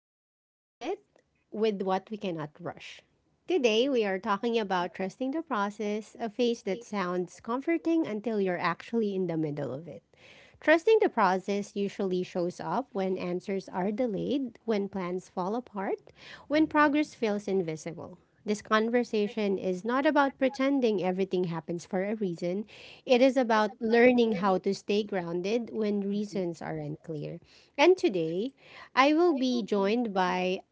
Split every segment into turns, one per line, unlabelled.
This is where we sit with what we cannot rush. Today, we are talking about trusting the process, a phase that sounds comforting until you're actually in the middle of it. Trusting the process usually shows up when answers are delayed, when plans fall apart, when progress feels invisible. This conversation is not about pretending everything happens for a reason. It is about learning how to stay grounded when
Mhm.
reasons are unclear. And today, I will be joined by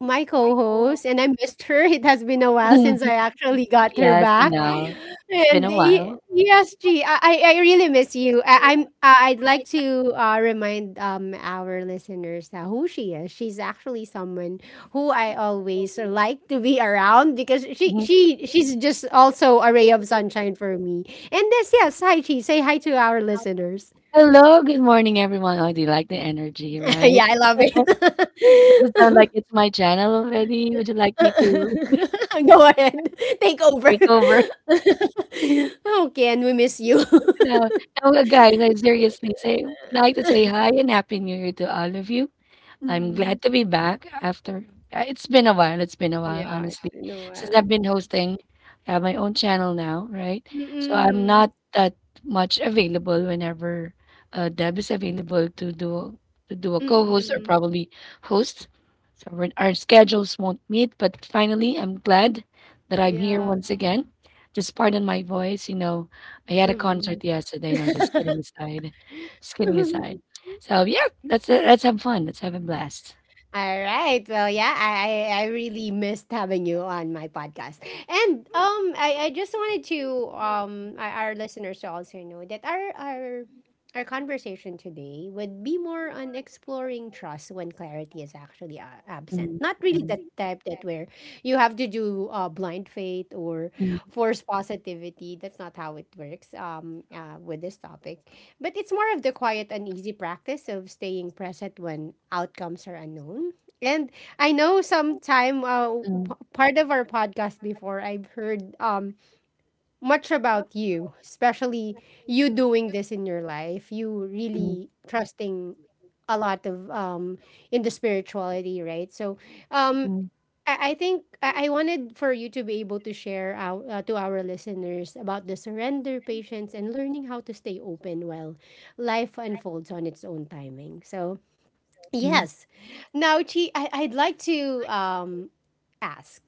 my co-host and I missed her. It has been a while since I
Mhm.
actually got her back.
Oh, it's been
And
a while.
yes, G, I really miss you. I'd like to remind our listeners who she is. She's actually someone who I always like to be around because she
Mhm.
she she's just also a ray of sunshine for me. And this Yes, hi Chi, say hi to our listeners.
Hello, good morning, everyone. Oh, do you like the energy, right?
Yeah, I love it.
Does it sound like it's my channel already? Would you like me to
Go ahead. Take over.
take over?
Oh, Ken, we miss you.
No, no, guys, I seriously say, like to say hi and happy new year to all of you. I'm
Mm-mm.
glad to be back after it's been a while. It's been a while,
Yeah, it's
honestly,
been a
since
while.
I've been hosting. I have my own channel now, right? So I'm
Mm-mm.
not that much available whenever Deb is available to do a co-host or
Mm-mm.
probably host. So we're- our schedules won't meet, but finally, I'm glad that I'm here
Yeah.
once again. Just pardon my voice. I had a
Mm-mm.
concert yesterday. No, just kidding aside. Just kidding aside. So yeah, let's have fun. Let's have a blast.
All right. Well, yeah, I really missed having you on my podcast. And I just wanted to our listeners to also know that our conversation today would be more on exploring trust when clarity is actually absent. Not really the type that where you have to do blind faith or force positivity. That's not how it works with this topic. But it's more of the quiet and easy practice of staying present when outcomes are unknown. And I know sometime
Mm.
part of our podcast before I've heard much about you, especially you doing this in your life, you really trusting a lot of in the spirituality, right? So um
Mm,
I think I wanted for you to be able to share out to our listeners about the surrender, patience, and learning how to stay open while life unfolds on its own timing. So
mm.
yes, now Chi, I'd like to ask,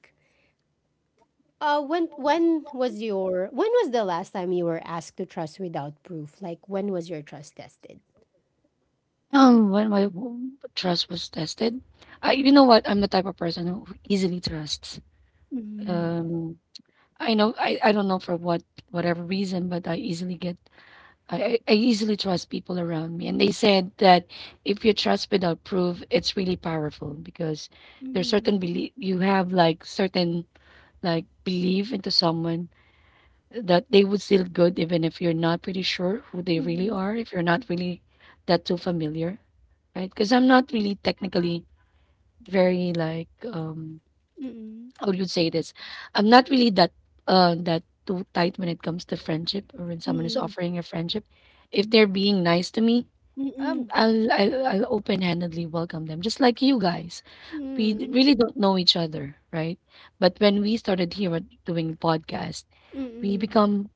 when was the last time you were asked to trust without proof? Like when was your trust tested?
When my trust was tested, I you know what? I'm the type of person who easily trusts.
Mm,
Um, I know I don't know for whatever reason, but I easily get I easily trust people around me. And they said that if you trust without proof, it's really powerful because there's certain
mm,
belief you have like certain like belief into someone that they would still good even if you're not pretty sure who they really
mhm,
are, if you're not really that too familiar, right? Because I'm not really technically very like
mm,
how would you say this? I'm not really that that too tight when it comes to friendship or when someone is
mm,
offering a friendship. If they're being nice to me,
mm, mm, mm,
I'll open-handedly welcome them, just like you guys. We
mm,
really don't know each other, right? But when we started here at doing podcasts
mm,
we
mm,
become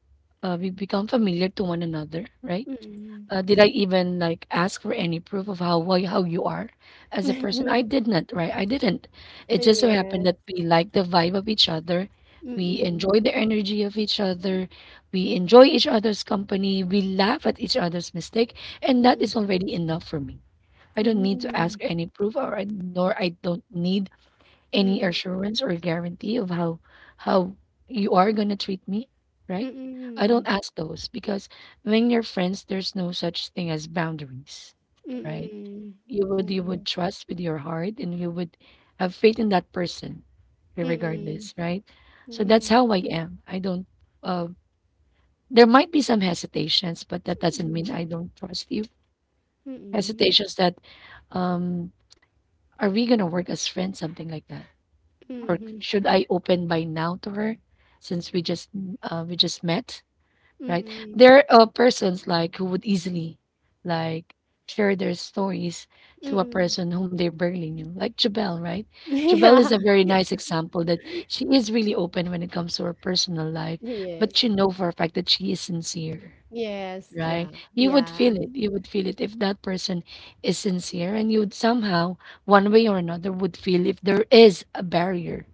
we become familiar to one another, right?
mm.
Did I even like ask for any proof of how you are as a person? I did not, right? I didn't. It just so happened
Yes.
that we like the vibe of each other. We
Mm,
enjoy the energy of each other. We enjoy each other's company. We laugh at each other's mistake, and that
mm,
is already enough for me. I don't need to ask
mm,
any proof, nor I don't need any
mm,
assurance or guarantee of how you are gonna treat me, right? I don't
mm,
ask those because when you're friends, there's no such thing as boundaries, right?
mm,
You would
mm,
you would
yeah,
trust with your heart and you would have faith in that person,
mm,
regardless, right? So
yeah,
that's how I am. I don't. Uh, there might be some hesitations, but that doesn't mean I don't trust you.
mm, mm,
Hesitations that, um, are we gonna work as friends? Something like that or
mhm,
should I open by now to her since we just met, right?
mm,
There are persons like who would easily like share their stories to a
mm.
person whom they barely knew, like Jabel, right? Jabel
Yeah,
is a very nice example that she is really open when it comes to her personal life,
yes,
but you know for a fact that she is sincere.
yes,
Right.
yeah,
You would
yeah,
feel it. You would feel it if that person is sincere, and you would somehow, one way or another, would feel if there is a barrier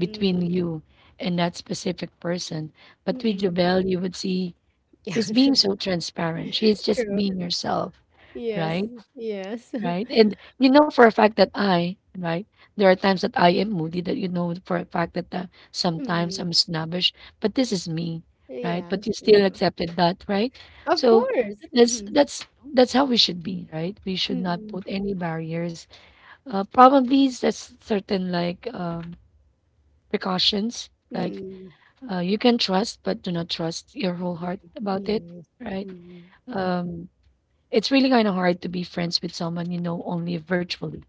between you and that specific person. But with
mm.
Jobel, you would see
Yeah,
she's being so transparent. She's just
true,
being herself,
yes,
right?
yes.
right? And you know for a fact that I, right? There are times that I am moody that you know for a fact that sometimes
Mm,
I'm snobbish, but this is me, right? But
yes,
you still
yeah,
accepted that, right?
of
So
course,
that's
mm,
that's that's how we should be, right? We should not
mm,
put any barriers. Probably that's certain like precautions, like
mm,
you can trust, but do not trust your whole heart about it,
yes,
right?
mm.
Um, it's really kind of hard to be friends with someone you know only virtually,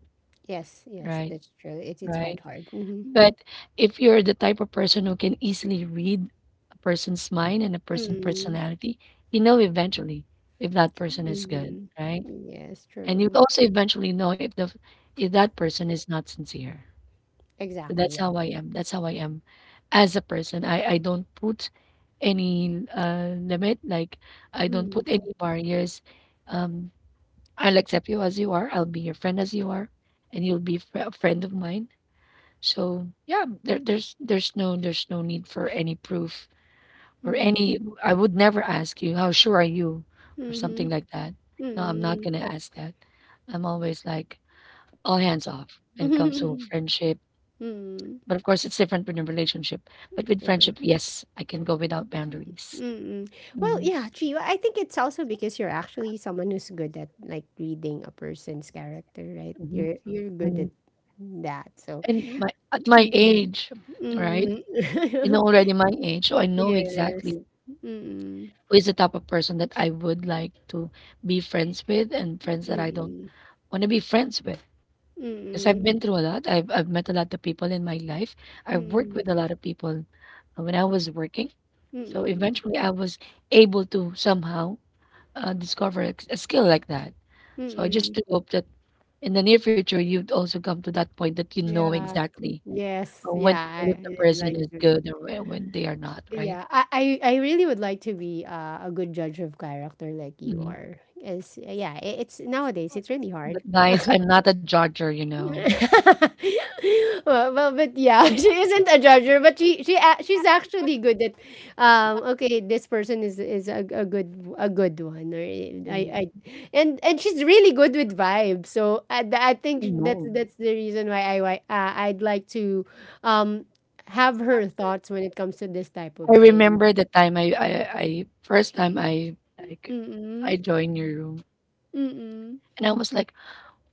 Yes, yes,
right?
that's true. It's quite
Right.
hard. Mm-hmm.
But if you're the type of person who can easily read a person's mind and a person's
Mm,
personality, you know eventually if that person is good,
mm-hmm.
right?
Yes,
And you
true.
also eventually know if the if that person is not sincere. So
Exactly,
that's
yeah.
how I am. That's how I am as a person. I don't put any limit, like I don't put
Mm,
any barriers. Um, I'll accept you as you are. I'll be your friend as you are, and you'll be a friend of mine so yeah, there's no need for any proof or any.
mm,
I would never ask you how sure are you or
mm-hmm.
something like that. No, I'm not
Mm,
gonna ask that. I'm always like all hands off when it comes to friendship.
mm.
But of course, it's different with a relationship. But with
Yeah.
friendship, yes, I can go without boundaries.
Mm-mm. Well,
Mhm,
yeah, Chi, I think it's also because you're actually someone who's good at like reading a person's character, right?
mhm,
You're good
mhm.
at that. So,
And my at my
mm,
age, right?
mm.
I know already my age, so I know
Yes.
exactly
Mm,
who is the type of person that I would like to be friends with and
mm,
friends that I don't
mm,
want to be friends with. Because I've
mm,
been through a lot. I've met a lot of people in my life. I've worked
mm.
with a lot of people when I was working. So
Mm,
eventually I was able to somehow discover a skill like that. So I just
mm,
do hope that in the near future you'd also come to that point that you know
yeah.
exactly
Yes,
when
yeah,
to tell if the
I
person
like
is
to be.
good or when they are not, right?
Yeah, I really would like to be a good judge of character like you
Mhm.
are. As Yeah, I- it's nowadays it's really hard.
Guys, I'm not a judger.
Well, but yeah, she isn't a judger, but she's actually good at, okay, this person is a good one, or I I, and she's really good with vibes. So I think
No.
that's the reason why I'd like to, um, have her thoughts when it comes to this type of
I
thing.
remember the time I first time
Mm
I joined your room
mm mm.
and I was like,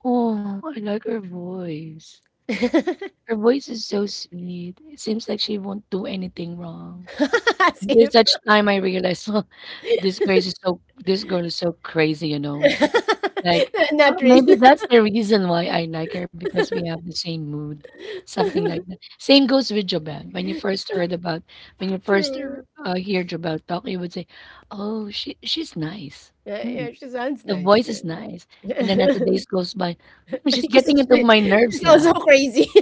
oh, I like her voice. Her voice is so sweet. It seems like she won't do anything wrong.
As
There's
if.
such time I realized, oh, this girl is so crazy. Like, oh,
Not real.
maybe that's the reason why I like her because we have the same mood, something like that. Same goes with Jobel. When you first
True.
hear Jobel talk, you would say, "Oh, she's nice.
Yeah,
Hmm,
yeah, she sounds
the
nice,
voice is
right?
nice." And then as the days goes by, "Hmm, she's
She's
getting into
she
my nerves
she's also
now,
crazy.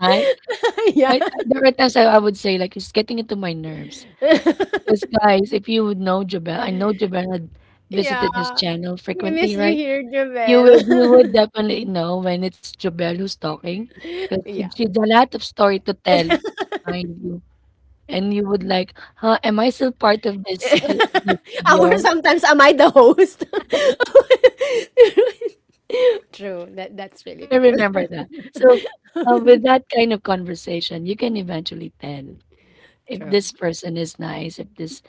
right?
Yeah.
There are times I would say like, "She's getting into my nerves." Because guys, if you would know Jobel, I know Jobel had visited this
Yeah,
channel
we
frequently,
miss you
right?
here,
You would
Javel.
definitely know when it's Jobelle who's talking, 'cause she
Yeah.
she's a lot of story to tell, mind you, and you would like, "Huh, am I still part of this
Our
studio?"
Sometimes am I the host? True, that's really
I
true.
remember that. So, with that kind of conversation, you can eventually tell if
True.
this person is nice, if this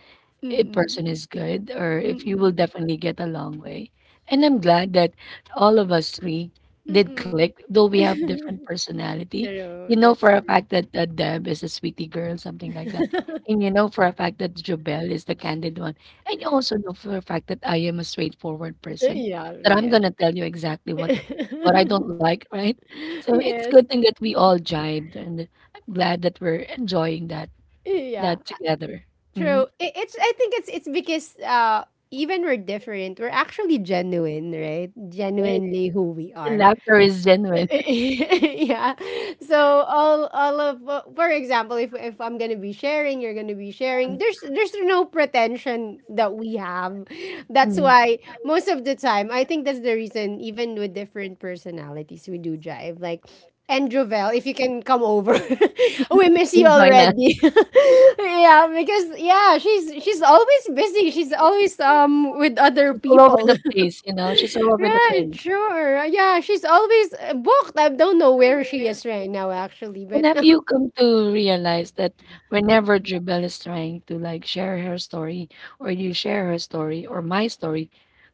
a person
Mm-mm.
is good or if you will
Mm-mm.
definitely get a long way. And I'm glad that all of us three did
Mm-mm.
click, though we have different personality.
True,
You know
that's
for a
true.
fact that Deb is a sweetie girl, something like that. And you know for a fact that Jobel is the candid one. And you also know for a fact that I am a straightforward person,
Yeah,
that I'm
real.
gonna tell you exactly what I don't like, right? So it's
Yes,
good thing that we all jibed and I'm glad that we're enjoying that
yeah,
that together. Hmm.
true. I it's I think it's because even we're different, we're actually genuine, right, genuinely who we
The
are.
laughter is genuine.
Yeah. So all of for example, if I'm gonna be sharing, you're gonna be sharing. There's there's no pretension that we have. That's
Mm,
why most of the time, I think that's the reason. Even with different personalities, we do jive. And Jovel, if you can come over, we miss you
and join us.
already. Yeah, because yeah, she's always busy. She's always with other
She's all over
people.
the place, she's all over the
Right,
place.
sure. Yeah, she's always booked. I don't know where she is right now, actually,
And
but
have you come to realize that whenever Jubel is trying to, like, share her story or you share her story or my story,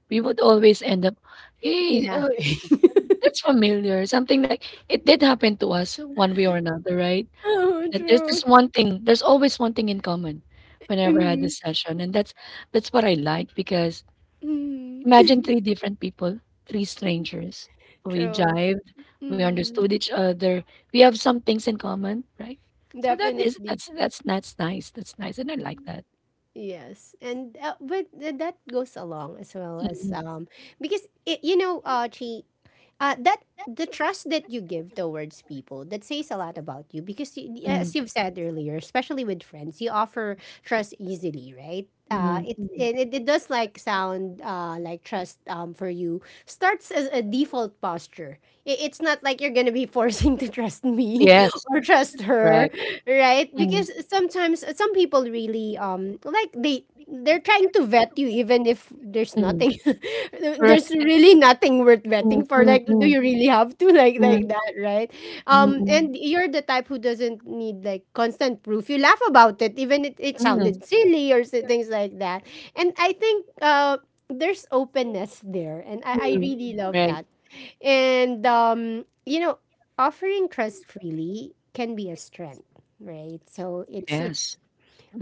we would always end up, "Hey,
Laughing.
that's familiar," something like, "It did happen to us one way or another," right?
Oh,
That there's this
true.
one thing, there's always one thing in common whenever I had
Mm,
this session, and that's what I like because
mm,
imagine three different people, three strangers. We
true.
jived, we
Mm,
understood each other, we have some things in common, right? So
definitely.
that's nice, and I like that.
Yes. And but that goes along as well as because it, Chi. That the trust that you give towards people, that says a lot about you because you, as you've said earlier, especially with friends, you offer trust easily, right.
Mhm.
It,
Mm.
it it does like sound like trust, for you starts as a default posture. It's not like you're gonna be forcing to trust me
Yes,
or trust her,
correct.
right, because sometimes some people really like they're trying to vet you even if there's nothing. There's
Correct.
really nothing worth
Mm,
vetting for,
mm,
like do
mm,
you really have to like that, right?
mm, mm.
And you're the type who doesn't need like constant proof. You laugh about it, even it
Mm.
sounded silly or things like that. And I think there's openness there, and I
Mm.
really love
Right.
that. And offering trust freely can be a strength, right, so it's
Yes.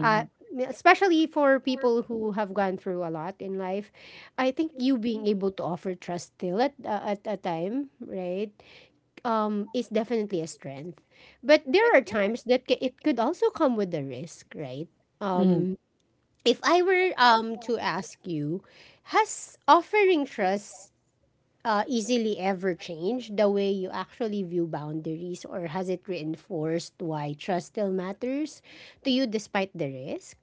uh, especially for people who have gone through a lot in life, I think you being able to offer trust still at a time, right, is definitely a strength. But there are times that it could also come with a risk, right?
Mm.
Um, if I were to ask you, has offering trust easily ever changed the way you actually view boundaries, or has it reinforced why trust still matters to you despite the risk?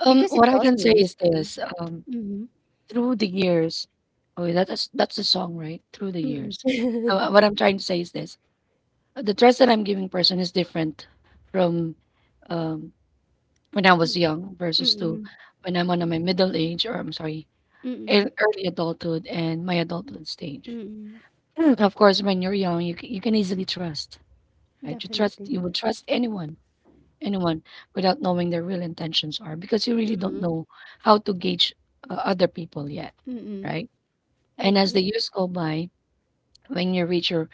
Because
What
it's
I can
also
say is
risky.
this.
Mhm.
Through the years. Oh, that's the song, right? Through the years.
Mm.
So, what I'm trying to say is this: the trust that I'm giving person is different from um, when I
Mm.
was young versus to
Mm.
when I'm on my middle age, or I'm sorry,
Mm.
early adulthood and my adulthood stage.
Mm.
Of course, when you're young, you you can easily trust, right? You trust
Definitely.
you would trust anyone, anyone without knowing their real intentions are because you really don't
Mm.
know how to gauge other people yet,
Mm.
right? And as
Yeah.
the years go by, when you reach your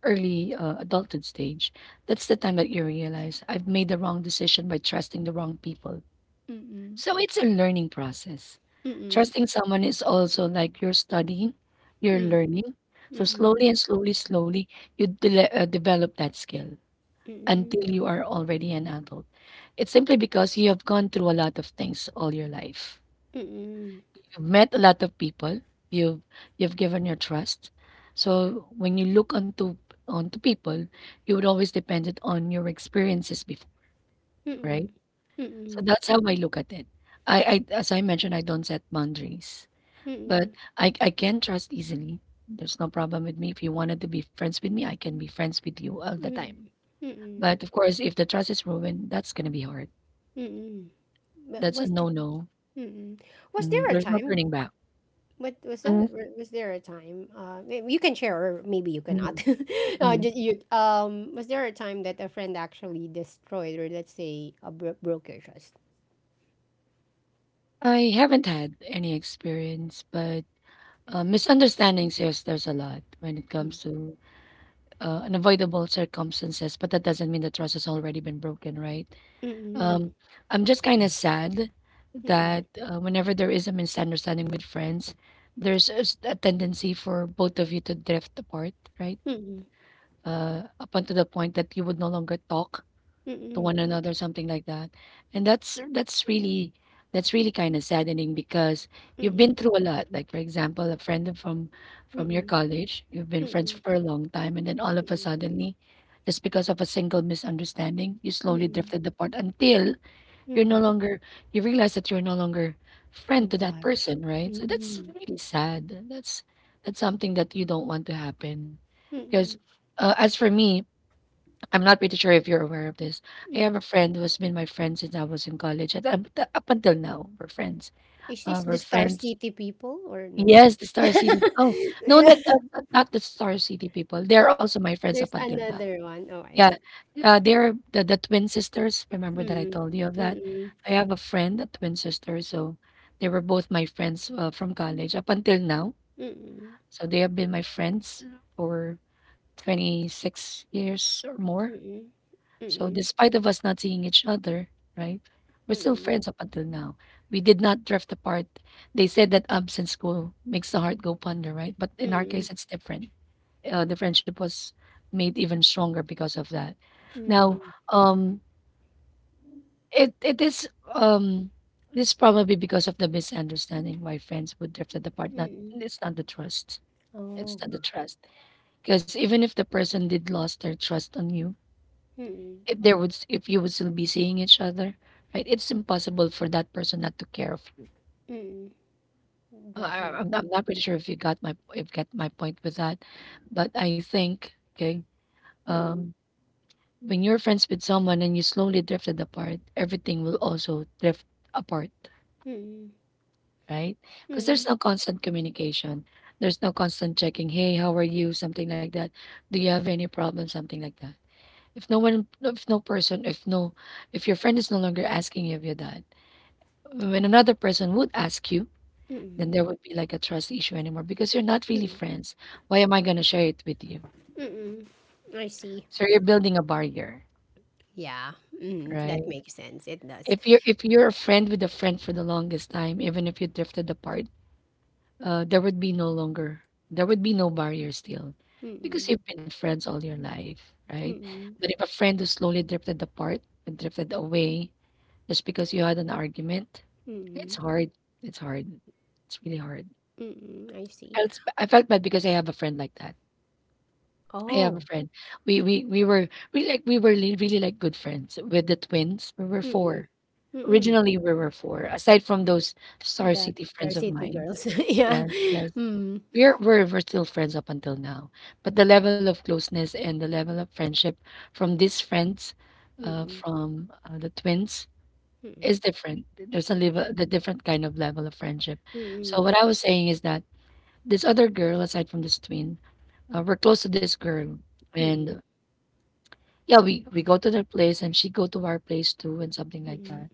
early adulthood stage, that's the time that you realize I've made the wrong decision by trusting the wrong people.
Mm.
So it's a learning process.
Mm.
Trusting someone is also like you're studying, you're
Mm.
learning. So
Mm.
slowly and slowly, slowly, you develop that skill
Mm.
until you are already an adult. It's simply because you have gone through a lot of things all your life.
Mm.
You've met a lot of people. You've you've given your trust. So when you look onto people, you would always depend it on your experiences before, right?
Mm.
So
Mm.
that's how I look at it. I, as I mentioned, I don't set boundaries, but
Mm.
I can trust easily. There's no problem with me. If you wanted to be friends with me, I can be friends with you all the
Mm.
time.
Mm.
But of course, if the trust is ruined, that's gonna be hard.
Mm. But
That's a
was the
no no.
Mm. Was there a
There's no
time
turning back.
But
Mhm,
was there a time? You can share, or maybe you
mhm,
cannot.
mhm.
Ju- you Was there a time that a friend actually destroyed, or let's say, a broke your trust?
I haven't had any experience, but misunderstandings, yes, there's a lot when it
Mm.
comes to unavoidable circumstances, but that doesn't mean the trust has already been broken, right?
Mm-mm.
Um, I'm just kind of sad that whenever there is a misunderstanding with friends, there's a tendency for both of you to drift apart, right?
Mm-mm.
Up until the point that you would no longer talk to
Mm-mm.
one another, something like that. And that's really kind of saddening because you've
Mm-mm.
been through a lot. Like for example, a friend from your
Mm-mm.
college, you've been friends
Mm-mm.
for a long time, and then all of
Mm-mm.
a
Mm-mm.
suddenly, just because of a single misunderstanding, you slowly
Mm-mm.
drifted apart until you're no
Mm-mm.
longer you realize that you're no longer friend
In
to that
touch.
person, right? So that's
Mm-mm.
really sad. That's something that you don't want to happen
Mm-mm.
because as for me, I'm not pretty sure if you're aware of this. I
Mm-mm.
have a friend who has been my friend since I was in college, and up until now, we're friends.
Is this the
We're
Star
friends.
City people or no?
Yes, the Star City. Oh, no,
Yeah.
not not, not the Star City people.
Uh,
They're also my friends up
There's
until now.
another one. Oh, I
Yeah,
see.
they're the twin sisters. Remember that I
Mm-mm.
told you of that?
Mm-mm.
I have a friend, a twin sister, so they were both my friends from college up until now.
Mm-mm.
So they have been my friends for 26 years or more.
Mm,
So
mm,
despite of us not seeing each other, right? We're still
mm,
friends up until now. We did not drift apart. They said that absence go makes the heart go ponder, right? But in our
mm,
case, it's different. The friendship was made even stronger because of that. Now,
mm,
um, it is, um, this probably because of the misunderstanding why friends would drift apart. Not,
mm.
it's not the trust. It's
Oh.
not the trust because even if the person did lost their trust on you,
Mm,
if there would s if you would still be seeing each other, right? It's impossible for that person not to care of you.
mm.
I I'm not
Definitely.
I'm not pretty sure if you got my if get my point with that, but I think, okay,
Mm,
um, when you're friends with someone and you slowly drifted apart, everything will also drift apart,
mm,
right? Because
mm,
there's no constant communication. There's no constant checking, hey, how are you? Something like that. Do you have any problem? Something like that. If no one, if no person, if no, if your friend is no longer asking you if you're that when another person would ask you, then there
mm,
would be like a trust issue anymore because you're not really
mm,
friends. Why am I gonna share it with you?
mm. I see.
So you're building a barrier,
Yeah. Mm, that
right?
makes sense. It does.
If you're a friend with a friend for the longest time, even if you drifted apart, uh, there would be no longer there would be no barrier still, because
Mm,
you've been friends all your life, right?
mm,
But if a friend who slowly drifted apart and drifted away just because you had an argument, it's
mm,
hard. It's hard. It's really hard.
mm. I see.
I felt bad because I have a friend like that. I have a
Oh.
friend. We were we like we were li really like good friends with the twins. We were 4.
Mm, mm.
Originally, we were 4, aside from those Star
The
City
Star
friends of
City
mine.
Girls. Yeah.
Yes, yes.
Mm.
We're still friends up until now. But the level of closeness and the level of friendship from these friends, uh,
Mm.
from, uh, the twins
Mm.
is different. There's a
Mm.
level the different kind of level of friendship. So
Mm.
what I was saying is that this other girl, aside from this twin, we're close to this girl, and
Mm.
yeah, we go to their place, and she go to our place too, and something
Mm.
like
Mm.
that.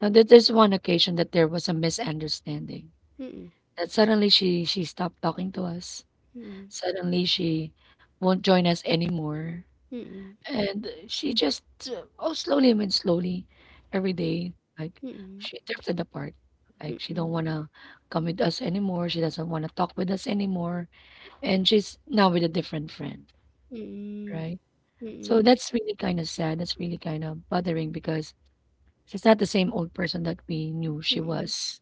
Now, there's one occasion that there was a misunderstanding.
Mm.
That suddenly she stopped talking to us.
Mm.
Suddenly she won't join us anymore,
Mm-mm,
and she just oh slowly, I mean slowly, every day, like
mm-mm,
she drifted apart. Like she don't
mm-mm,
wanna come with us anymore. She doesn't wanna talk with us anymore and she's now with a different friend,
mm-mm,
right? So
mm-mm,
that's really kind of sad. That's really kind of bothering because she's not the same old person that we knew she
mm-mm,
was.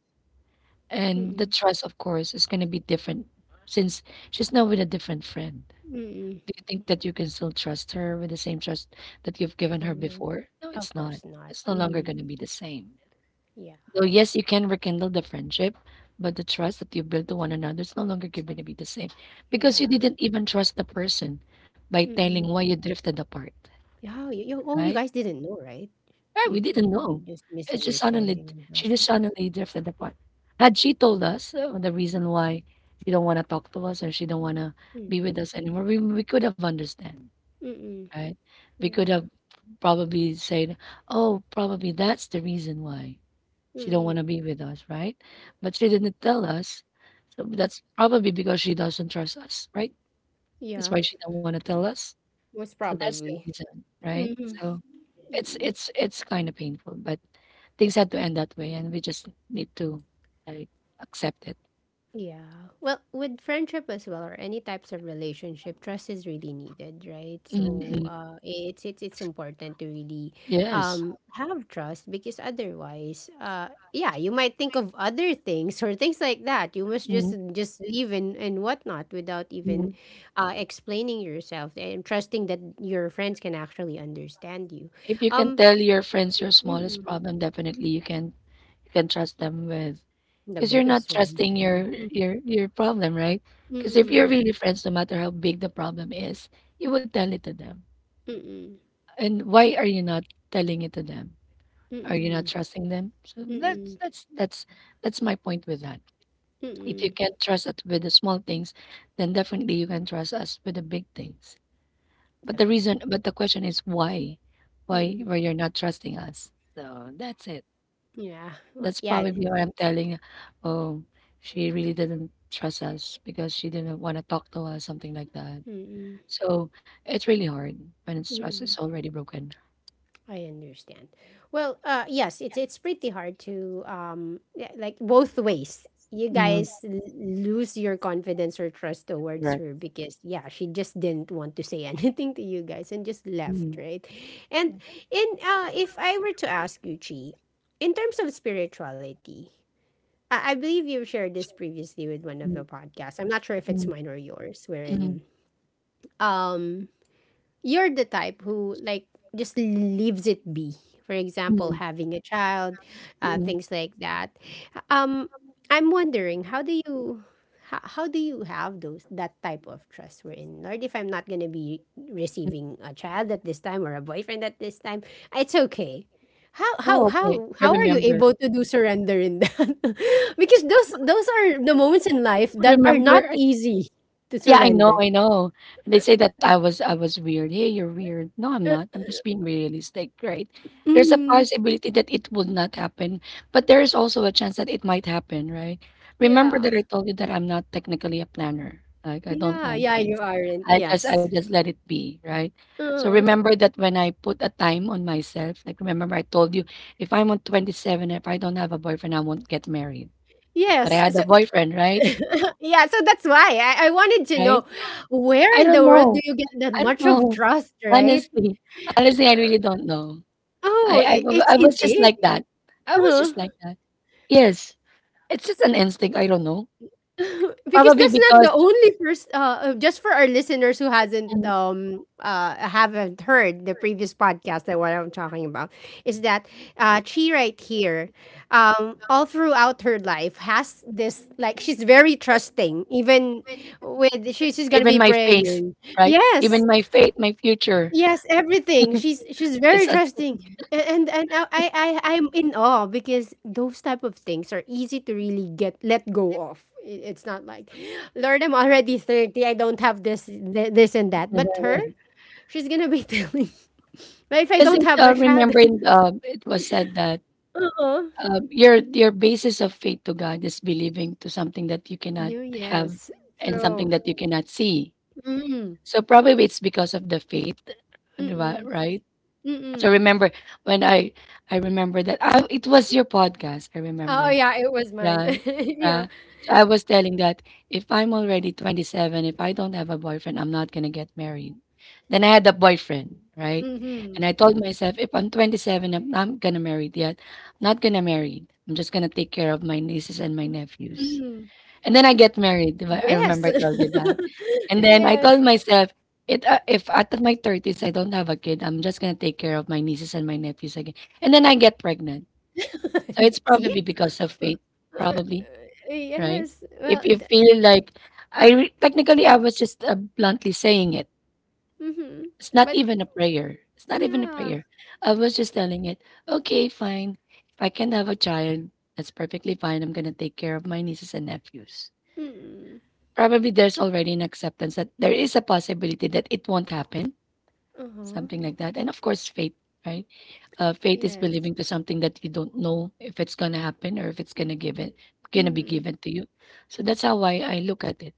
And the
mm-mm,
trust, of course, is going to be different since she's now with a different friend.
mm-mm.
Do you think that you can still trust her with the same trust that you've given her
Yeah, man.
before? No, it's
Of
not.
course not.
It's no longer
Mm-hmm.
going to be the same.
Yeah,
So yes, you can rekindle the friendship, but the trust that you built to one another is no longer going to be the same because you
yeah.
didn't even trust the person by telling
Mm-mm.
why you drifted apart,
Yeah, oh, you
right?
guys didn't know, right?
Right, we didn't
You
know.
just
It's just suddenly
misunderstanding and
she just
happened.
suddenly drifted apart. Had she told us the reason why she don't want to talk to us or she don't want to be with
Mm-mm,
us anymore, we could have understand,
mm-mm,
right? We could
yeah,
have probably said, "Oh, probably that's the reason why." She don't want to
mm-mm,
be with us, right? But she didn't tell us. So that's probably because she doesn't trust us, right? That's
yeah,
why she don't want to tell us.
most
So that's the
probably.
reason, right?
Mm-hmm.
So it's kind of painful, but things had to end that way, and we just need to like accept it.
Yeah. Well, with friendship as well or any types of relationship, trust is really needed, right?
Mm, mm,
So, it's important to really
yes.
have trust because otherwise, yeah, you might think of other things or things like that. You must just leave and whatnot without even
Mm,
explaining yourself and trusting that your friends can actually understand you.
if you can
Um
tell your friends your smallest
mm-mm,
problem, definitely you can trust them with
the
because you're not
biggest one.
trusting your
Friend.
your problem, right? Because if you're
Mm-mm,
really friends, no matter how big the problem is, you would tell it to them.
mm-mm,
And why are you not telling it to them? Are you not
mm-mm,
trusting them? So
mm-mm.
that's my point with that. If you
Mm,
can trust it with the small things, then definitely you can trust us with the big things. But the reason,
definitely.
but the question is why?
Mm,
Why you're not trusting us? So that's it.
yeah. Well,
That's
yeah.
probably why I'm telling, oh, she really didn't trust us because she didn't want to talk to us, something like that.
Mm,
So it's really hard when it's trust is
mm,
already broken.
I understand. Well, yes, it's pretty hard to yeah, like both ways. You guys lose your confidence or trust towards her because yeah, she just didn't want to say anything to you guys and just left, right? And in if I were to ask you, Chi, in terms of spirituality, I believe you've shared this previously with one of the podcasts. I'm not sure if it's
Mm,
mine or yours,
mm,
wherein um you're the type who like just leaves it be, for example
mm,
having a child,
mm.
things like that. um I'm wondering how do you have those that type of trust, we're in Lord, if I'm not going to be receiving a child at this time or a boyfriend at this time, it's okay, how how
Oh, okay.
how
I
how are you
remember.
able to do surrender in that? Because those are the moments in life that are not
Remember,
easy to
yeah, I know,
surrender.
I know. They say that I was weird. Hey, you're weird. No, I'm
uh,
not. I'm just being realistic, right? There's a
mhm.
possibility that it would not happen, but there is also a chance that it might happen, right? Remember
Yeah.
that I told you that I'm not technically a planner. Like I don't
Yeah,
plan
yeah, you
things.
aren't.
I
Yes.
just let it be, right? So
Uh,
remember that when I put a time on myself, like remember I told you if I'm on 27, if I don't have a boyfriend, I won't get married. But I
yes.
had
So
a boyfriend, right?
uh, yeah, so that's why I wanted to
Right?
know where
I
in the
don't
world do
know.
you get that
I don't
much of
know.
trust, right?
Honestly, honestly, I really don't know.
Oh, it's
I was just
innate.
like that. I was just like that. Yes, it's just an instinct. I don't know.
Because
Probably
that's not
because
the only first just for our listeners who hasn't
um,
haven't heard the previous podcast that what I'm talking about is that she right here all throughout her life has this, like, she's very trusting, even with she's gonna
even
be
my face,
praying.
right?
Yes.
Even my fate, my future.
Yes, everything. She's
It's
very trusting. And I'm in awe because those type of things are easy to really get let go of. It's not like, Lord, I'm already 30. I don't have this and that. But her, she's gonna be telling. But if I
because
don't
it,
have a child,
remembering it was said that
uh-uh.
your basis of faith to God is believing to something that you cannot
Do
have
Yes,
and something
true.
that you cannot see.
Mm.
So probably it's because of the faith, di ba,
Mm.
right? So
Mm.
remember when I remember that I, it was your podcast. I
Oh
remember,
yeah, it was
yeah.
mine. Yeah.
Uh, so I was telling that if I'm already 27, if I don't have a boyfriend, I'm not gonna get married. Then I had a boyfriend, right?
Mm-hmm.
And I told myself, if I'm 27, I'm not gonna marry yet. I'm not gonna marry. I'm just gonna take care of my nieces and my nephews.
Mm-hmm.
And then I get married. Di I
Yes.
remember I told you that. And then I told
Yes.
myself, it if at my 30s I don't have a kid, I'm just gonna take care of my nieces and my nephews again. And then I get pregnant. So it's
See?
probably because of fate, probably, right?
Yes. Well,
If you
d
feel like technically I was just bluntly saying it.
mhm.
It's not
But
even a prayer. It's not even a
yeah.
prayer. I was just telling it. Okay, fine. If I can have a child, that's perfectly fine. I'm gonna take care of my nieces and nephews.
Mm.
Probably there's already an acceptance that there is a possibility that it won't happen,
Uh-huh.
something like that. And of course, faith, right? Faith is
Yes.
believing to something that you don't know if it's gonna happen or if it's gonna give it, gonna be
Mm.
given to you. So that's how I look at it.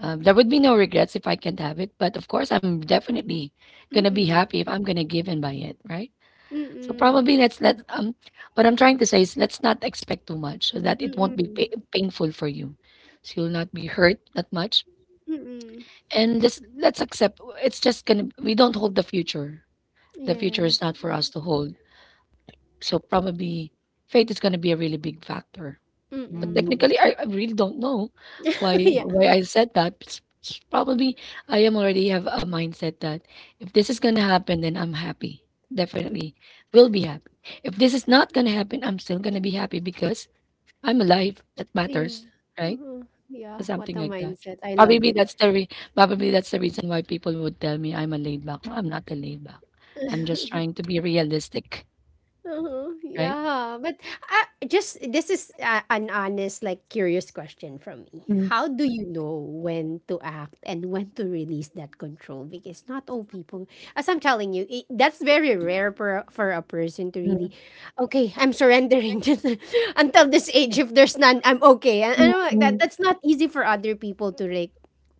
There would be no regrets if I can't have it, but of course, I'm definitely gonna be
Mm.
happy if I'm gonna given by it, right? So
Mm.
probably let's let what I'm trying to say is let's not expect too much so that it won't be
Mm.
painful for you, so you'll not be hurt that much
Mm.
and this, let's accept it's just gonna we don't hold the future. The future
Yes.
is not for us to hold. So probably fate is gonna be a really big factor. But
Mm.
technically, I really don't know
Yeah.
why I said that. It's probably I am already have a mindset that if this is gonna happen, then I'm happy. Definitely
Mm.
will be happy. If this is not gonna happen, I'm still gonna be happy because I'm alive. That
Yeah.
matters, right?
Uh-huh. Yeah. What
Something
a
like that.
mindset. I love
Probably
it.
that's the re Probably that's the reason why people would tell me I'm a laid back. No, I'm not a laid back. I'm just trying to be realistic,
Uh-huh.
right?
Yeah, but just this is an honest, like, curious question from me.
Mm,
How do you know when to act and when to release that control? Because not all people, as I'm telling you, it, that's very rare for for a person to really,
mm,
okay, I'm surrendering, just until this age. If there's none, I'm okay. And
mm,
I'm like that.
mm,
That's not easy for other people to, like,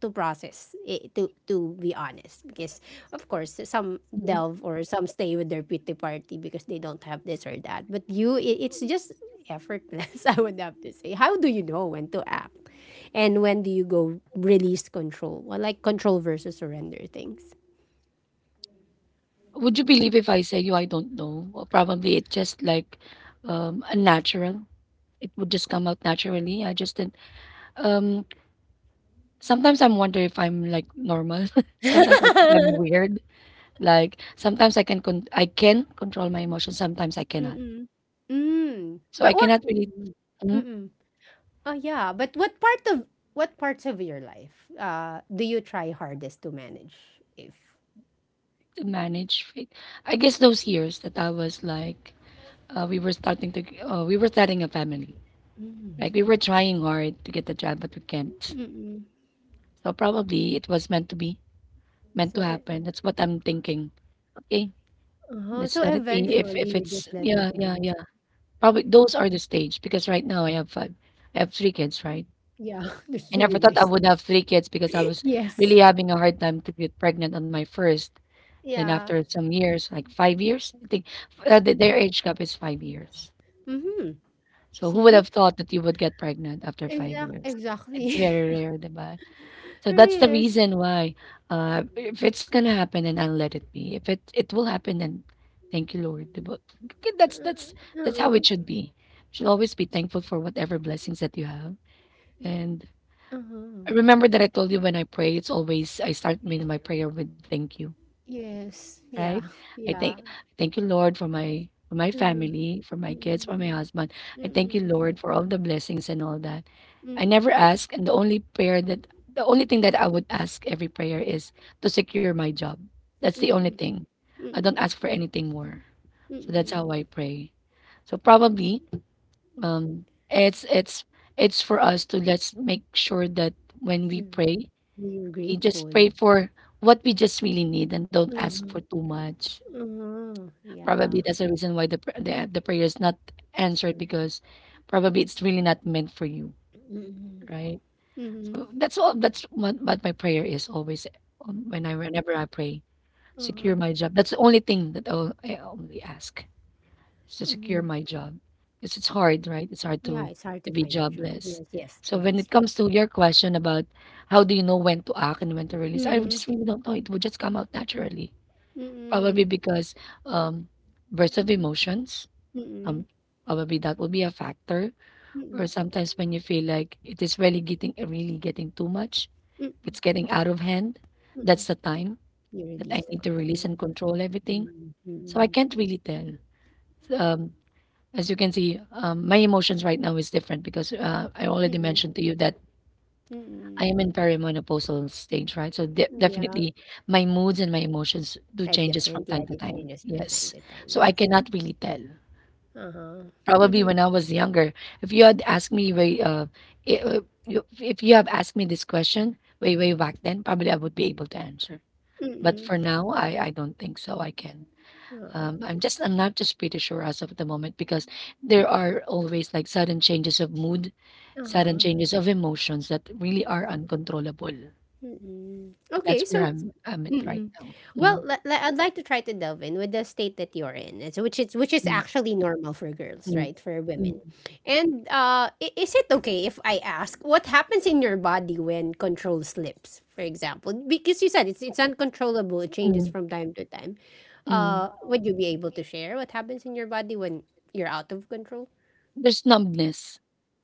to process eh, to be honest, because of course some
mm.
delve or some stay with their pity party because they don't have this or that, but you, it, it's just effortless. I would have to say, how do you know when to act and when do you go release control, well, like, control versus surrender things.
Would you believe if I say you I don't know? Or probably it just like unnatural. It would just come out naturally. I just didn't um sometimes I'm wonder if I'm like normal. Sometimes I think I'm weird. Like sometimes I can control my emotions, sometimes I cannot.
Mm-mm. Mm.
So
But
I
what?
cannot really
Mm-mm. Oh yeah, but what part of, what parts of your life do you try hardest to manage, if
to manage faith. I guess those years that I was like, we were starting to, we were starting a family. Like we were trying hard to get a job, but we can't.
mm-mm.
So probably it was meant to be, meant
So
to
e
happen. That's what I'm thinking. Okay,
Uh-huh,
let's
so
let it be.
eventually
If
you
it's
just let it
yeah, yeah,
go.
yeah, probably those are the stage because right now I have three kids, right?
Yeah, that's
I
really
never thought I
nice.
would have three kids because I was really
Yes.
having a hard time to get pregnant on my first. Then
Yeah.
after some years, like 5 years, I think their age gap is 5 years.
Mm-hmm.
So who would
See?
have thought that you would get pregnant after 5 years? It's
Exactly.
very rare, diba? So that's the
Yes.
reason why if it's gonna happen then I'll let it be. If it it will happen then thank you Lord. Diba? Okay, that's that's how
Uh-uh.
it should be. You should always be thankful for whatever blessings that you have. And
Uh-huh.
remember that I told you when I pray, it's always I start my prayer with thank you,
Yes.
right?
Yeah. Yeah.
I thank you, Lord, for my
Uh-huh.
family, for my kids,
Mm-mm.
for my husband. I thank you,
Mm-mm.
Lord, for all the blessings and all that. I never
Mm-mm.
ask, and the only thing that I would ask every prayer is to secure my job. That's the only
Mm-mm.
thing. I don't
Mm-mm.
ask for anything more. So that's
Mm-mm.
how I pray. So probably um it's it's it's for us to let's make sure that when we
Yeah.
pray,
We were
we just pray
grateful.
for what we just really need and don't ask for
Uh-huh.
too much.
Uh-huh.
Probably
Yeah.
that's the reason why the pr- the prayer is not answered because probably it's really not meant for you,
Mm-mm.
right?
Mm-mm.
So that's all. That's what my prayer is always whenever I pray, secure
Uh-huh.
my job. That's the only thing that I only ask is to secure
Mm-hmm.
my job because it's hard, right? It's hard
Yeah, it's hard
to
to
be
find a job.
jobless.
Yes, yes,
So
true,
when
that's
it
true.
comes to your question about how do you know when to act and when to release, I
Mm.
just really don't know. It would just come out naturally, probably
Mm-mm.
because um bursts of emotions
Mm-mm.
um, probably that will be a factor or
Mm-mm.
sometimes when you feel like it is really getting too much, if
Mm-mm.
it's getting out of hand,
Mm-mm.
that's the time
You
that I
release the
need to release
control.
and control everything.
Mm.
So I
Mm.
can't really tell. So, as you can see, my emotions right now is different because I already
Mm-mm.
mentioned to you that I
Mm-mm.
am in perimenopausal stage, right? So
Yeah,
definitely my moods and my emotions do
at
changes from
different,
time
yeah,
to
it
time.
changes from time
Yes.
to time,
So I
yes.
cannot really tell.
Uh-huh.
Probably
Mm-hmm.
when I was younger. If you had asked me i- uh, if you have asked me this question way way back then, probably I would be able to answer. But
Mm-mm.
for now, I don't think so. I can.
Uh-huh.
I'm just I'm not just pretty sure as of the moment because there are always like sudden changes of mood, sudden
Uh-huh.
changes of emotions that really are uncontrollable.
Mm-mm.
That's
Okay,
where
so
I'm at right
Mm.
now. Mm,
Well, li li I'd like to try to delve in with the state that you're in. It's which is, which is actually normal for girls,
mm,
right? For
mm,
women. And is it okay if I ask what happens in your body when control slips, for example? Because you said it's uncontrollable, it changes from time to time.
mm.
Would you be able to share what happens in your body when you're out of control?
There's numbness.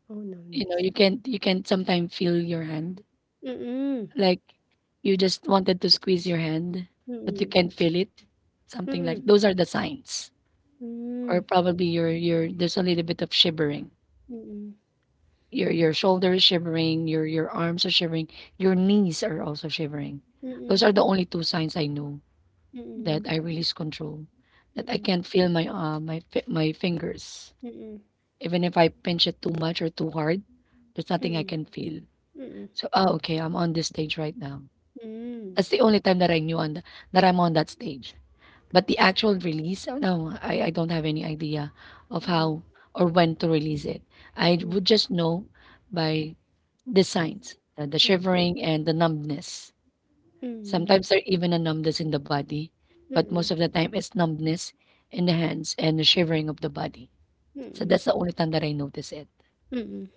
Oh,
You know,
numbness.
you can't sometimes feel your hand.
Mm-mm.
Like, you just wanted to squeeze your hand, but you
Mm-mm.
can't feel it. Something like
Mm-mm.
those are the signs. Or probably your there's a little bit of shivering.
Mm-mm.
Your shoulder is shivering, your arms are shivering, your knees are also shivering. Those
Mm-mm.
are the only two signs I know
Mm-mm.
that I
Mm-mm.
release control. That I can't feel my my fingers.
Mm-mm.
Even if I pinch it too much or too hard, there's nothing I
Mm.
can feel.
Mm.
So ah, okay, I'm on this stage right now.
Mm.
That's
Mm.
the only time that I knew on th that I'm on that stage. But the actual release, oh, no, I don't have any idea of
Mm.
how or when to release it. I would just know by the signs, the
Mm.
shivering and the numbness.
Mm.
Sometimes there even a numbness in the body, but
Mm.
most of the time it's numbness in the hands and the shivering of the body. So
Mm.
that's the only time that I notice it.
Mm.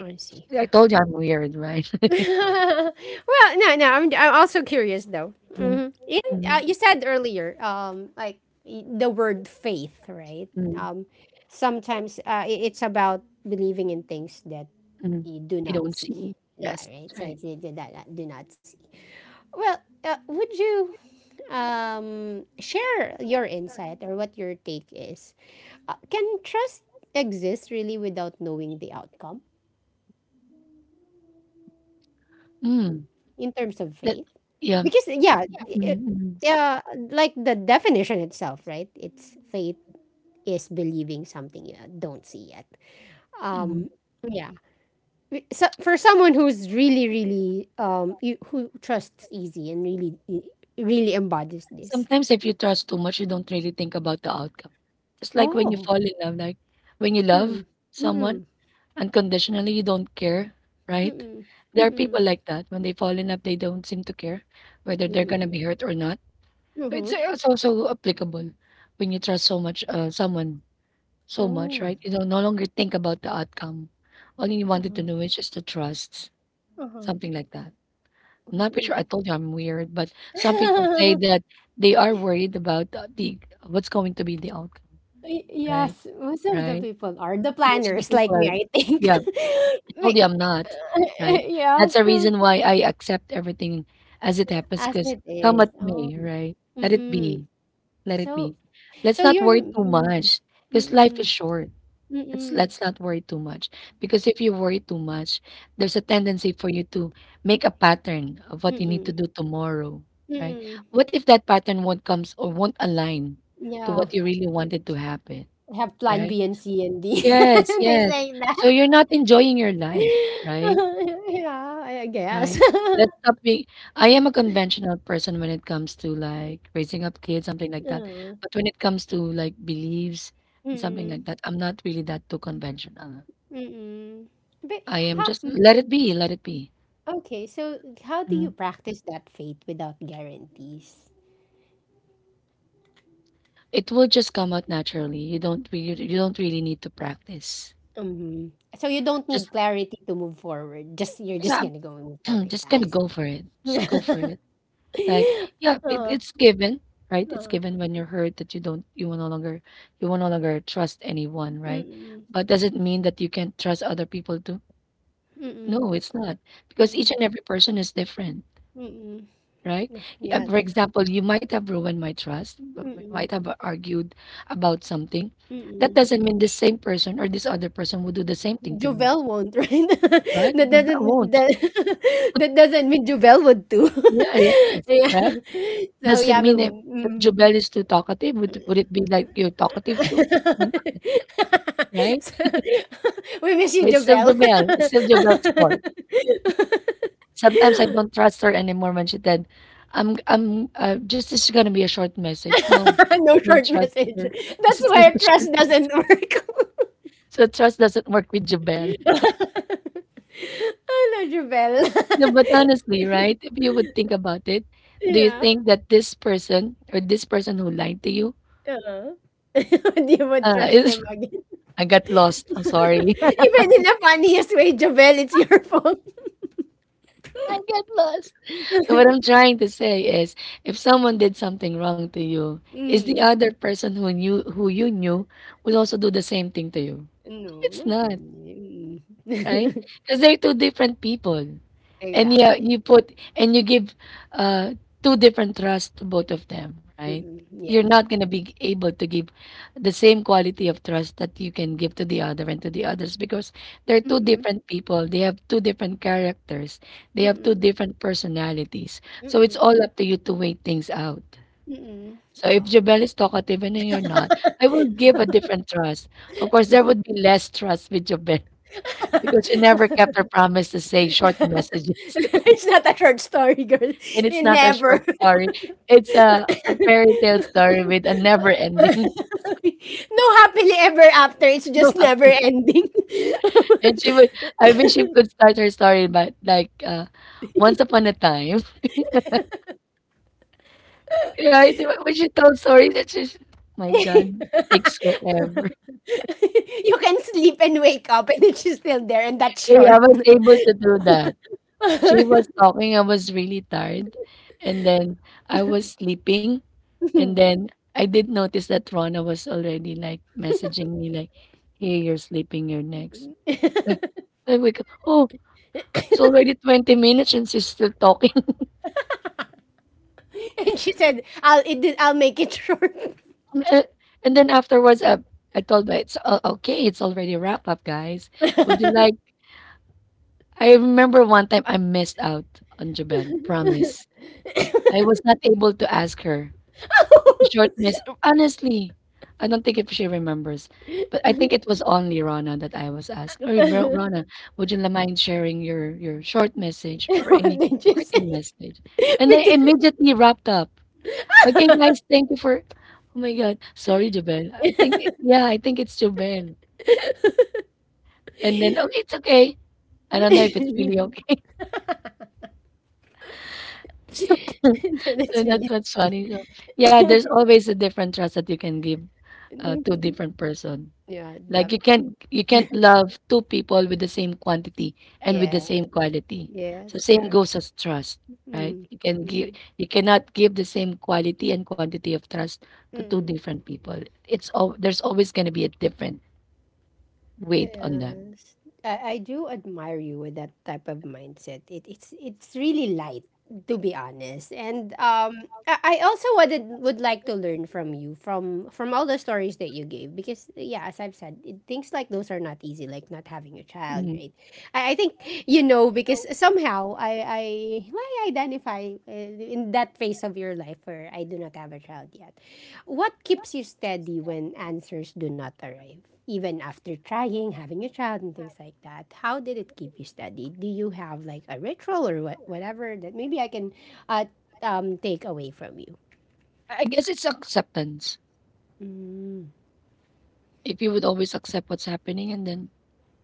I see.
I told you I'm weird, right?
Well, no, no. I'm also curious though. Hmm. You said earlier, like, the word faith, right?
Mm.
Sometimes it's about believing in things that
Mhm.
you do
You
not
don't
see.
see.
Yeah,
Yes,
right.
that's
So
right.
it's that, that do not see. Well, would you, share your insight or what your take is, uh, can trust exist really without knowing the outcome,
Mm,
in terms of
that
faith?
yeah.
Because yeah, it,
Mhm, mhm,
yeah, like, the definition itself, right? It's faith is believing something you don't see yet. Um,
mhm.
yeah. So for someone who's really, really, you, who trusts easy and really, really embodies this.
Sometimes if you trust too much, you don't really think about the outcome. It's like when you
Oh.
fall in love, like when you love
Hmm.
someone
Mm-mm.
unconditionally, you don't care, right?
Mm-mm.
There are
Mm-mm.
people like that. When they fall in love, they don't seem to care whether they're gonna
Mm-mm.
be hurt or not. So
Mm-hmm.
it's also applicable when you trust so much someone so much,
Oh.
right? You don't no longer think about the outcome. All you wanted to
Uh-huh.
know is just the trust.
Uh-huh.
Something like that. I'm
Well,
not pretty
it,
sure I told you I'm weird, but some people say that they are worried about the what's going to be the outcome,
Y-
right?
yes, most of the
Right?
people are the
Most of the
planners like
people
me,
are
I think.
yeah, I
But
told you I'm not, right?
yeah,
That's the
so
reason why I accept everything as it happens,
as
because
it
come
is.
at
Oh,
me, right? Let it
mm-mm.
be. Let it
So,
be. Let's
so
not worry too
mm,
much, because life is
mm-mm,
short.
mm-mm,
Let's not worry too much because if you worry too much, there's a tendency for you to make a pattern of what you need to
mm-mm,
do tomorrow, right?
mm-mm.
What if that pattern won't comes or won't align to
Yeah,
what you really wanted to happen,
have plan B
right?
and C and D.
Yes,
They
yes.
say that.
So you're not enjoying your life, right?
Yeah, I guess.
Right. Let's stop being. I am a conventional person when it comes to like raising up kids, something like that.
Mm,
But when it comes to like beliefs and something
mm-mm,
like that, I'm not really that too conventional.
mm-mm. But
I am
how?
just let it be, let it be.
Okay, so how do you
Mm.
practice that faith without guarantees?
It will just come out naturally. You don't really need to practice.
Mhm. So you don't
Just
need clarity to move forward. Just, you're just
yeah,
gonna go and move forward.
just
Ah, I
gonna
see.
go for it. Just go for it. Like yeah, it,
uh,
it's given, right? It's
uh,
given when you're hurt that you will no longer trust anyone, right?
mm-mm,
But does it mean that you can't trust other people too?
mm-mm,
No, it's not because
mm-mm,
each and every person is different,
mm-mm.
right?
Yeah,
For
the,
example, you might have ruined my trust, but we might
mm-mm,
have argued about something. That
mm-mm.
doesn't mean this same person or this other person will do the same thing to me,
Jovel won't, right?
right?
that
Jubel
doesn't,
won't.
that, that doesn't mean Jovel would too.
Yeah, yes,
Yeah.
right?
So yeah,
Doesn't
I
mean
mean,
if
mm,
Jubel is too talkative, would it be like you're talkative too? Uh,
so,
Right?
we wish
So
you
it's
the
still
well.
Jubel. It's still Jubel's fault. Sometimes I don't trust her anymore when she said, I'm just, this is going to be a short message. No,
No
don't
short
trust
message.
her because
That's
it's not
why
a short.
trust doesn't work.
So trust doesn't work with Jubel.
Hello, Jubel.
No, but honestly, right? If you would think about it, do you
Yeah.
think that this person or this person who lied to you
Oo. Hindi mo trust
is?
them again.
I got lost. I'm sorry.
Even in the funniest way, Jubel, it's your fault.
I got lost. So what I'm trying to say is, if someone did something wrong to you, is the
Mm.
other person who knew who you knew will also do the same thing to you? No,
No,
it's
not
not.
really.
Right?
Mm.
Because they're two different people. And yeah, you
Exactly.
put and you give uh two different trust to both of them, right?
Mm-mm.
You're
Yeah.
not gonna be able to give the same quality of trust that you can give to the other and to the others because they're two
Mm-mm,
different people. They have two different characters. They have two
mm-mm,
different personalities. So it's
mm-mm,
all up to you to wait things out.
mm-mm.
So if
Oh,
Jobel
yeah.
is talkative and then you're not, I will give a different trust. Of course, there would be less trust with Jobel because she never kept her promise to say short messages.
It's not a short story, girl.
And
It
it's not a short
never.
story. It's a fairy tale story with a never ending.
No happily ever after. It's
No
just never
happy.
ending.
And she would I wish she could start her story but like once upon a time. Right? When she told stories that she my God, takes forever.
You can sleep and wake up and then she's still there and that's
Hey, I
short.
was able to do that. She was talking, I was really tired. And then I was sleeping. And then I did notice that Rona was already like messaging me like, "Hey, you're sleeping. You're next." Like, I wake up. Oh, it's already 20 minutes and she's still talking.
And she said, "I'll it, I'll make it
Eh, and then afterwards, I told her it's okay. It's already wrap up, guys. Would you
short."
like? I remember one time I missed out on Japan. Promise. I was not able to ask her. Short miss honestly, I don't think if she remembers, but I think it was only Rana that I was asked, "Hey, Rana, would you mind sharing your short message or
What
any
did you say?
parting message?" And I
Because
immediately wrapped up. Okay,
that
guys, thank you for. Oh my God, sorry, Jubel. I think yeah, I think it's Jubel. And then oh, it's okay. I don't know if
is
it's really okay. So
really
that's what's funny. So, yeah, there's always a different trust that you can give to a different person.
yeah, that,
Like you can't love two people with the same quantity and with the
yeah,
same quality.
yes,
So same
true.
goes as trust, right?
Mm,
You can give
mm,
you cannot give the same quality and quantity of trust to two
mm.
different people. It's all there's always going to be a different weight on them.
Yes. I do admire you with that type of mindset. It, it's really light, to be honest. And I also wanted would like to learn from you, from all the stories that you gave, because yeah, as I've said, it, things like those are not easy, like not having a child,
Mm.
right? I think you know, because somehow I identify in that phase of your life where I do not have a child yet. What keeps you steady when answers do not arrive? Even after trying, having a child, and things like that, how did it keep you steady? Do you have, like, a ritual or what, whatever that maybe I can, uh, take away from you?
I guess it's acceptance.
Mm.
If you would always accept what's happening and then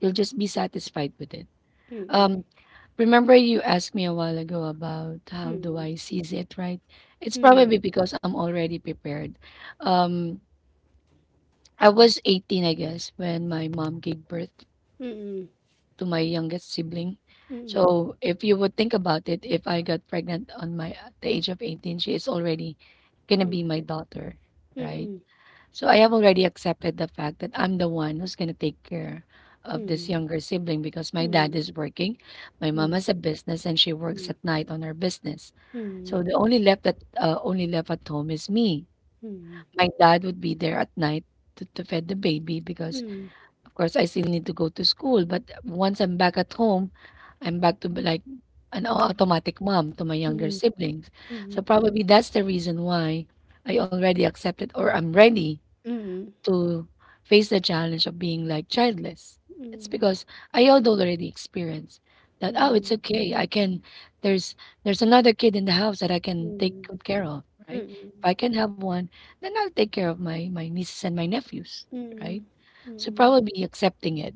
you'll just be satisfied with it.
Mm-mm.
Um, Remember you asked me a while ago about how do
Mm.
I seize it, right? It's
Mm.
probably because I'm already prepared. Um, I was 18, I guess, when my mom gave birth
Mm. Mm.
to my youngest sibling. So if you would think about it, if I got pregnant on my at the age of 18, she is already gonna be my daughter,
Mm. Mm. Mm. Mm. Mm. Mm. Mm.
right?
Mm. Mm. Mm.
So I have already accepted the fact that I'm the one who's going to take care of this
Mm.
younger sibling because my dad is working, my mom has a business, and she works at night on her business. So the only left that only left at home is me. My dad would be there at night to feed the baby because, of course, I still need to go to school. But once I'm back at home, I'm back to be like an automatic mom to my younger siblings.
Mm.
So
Mm.
probably that's the reason why I already accepted or I'm ready
Mm.
to face the challenge of being like childless. It's
Mm.
because I had already experienced that, oh,
Mm.
it's okay. I can there's there's another kid in the house that I can take
Mm,
good care of, right?
mm,
If I can have one, then I'll take care of my my nieces and my nephews,
mm,
right? So
mm,
probably accepting it.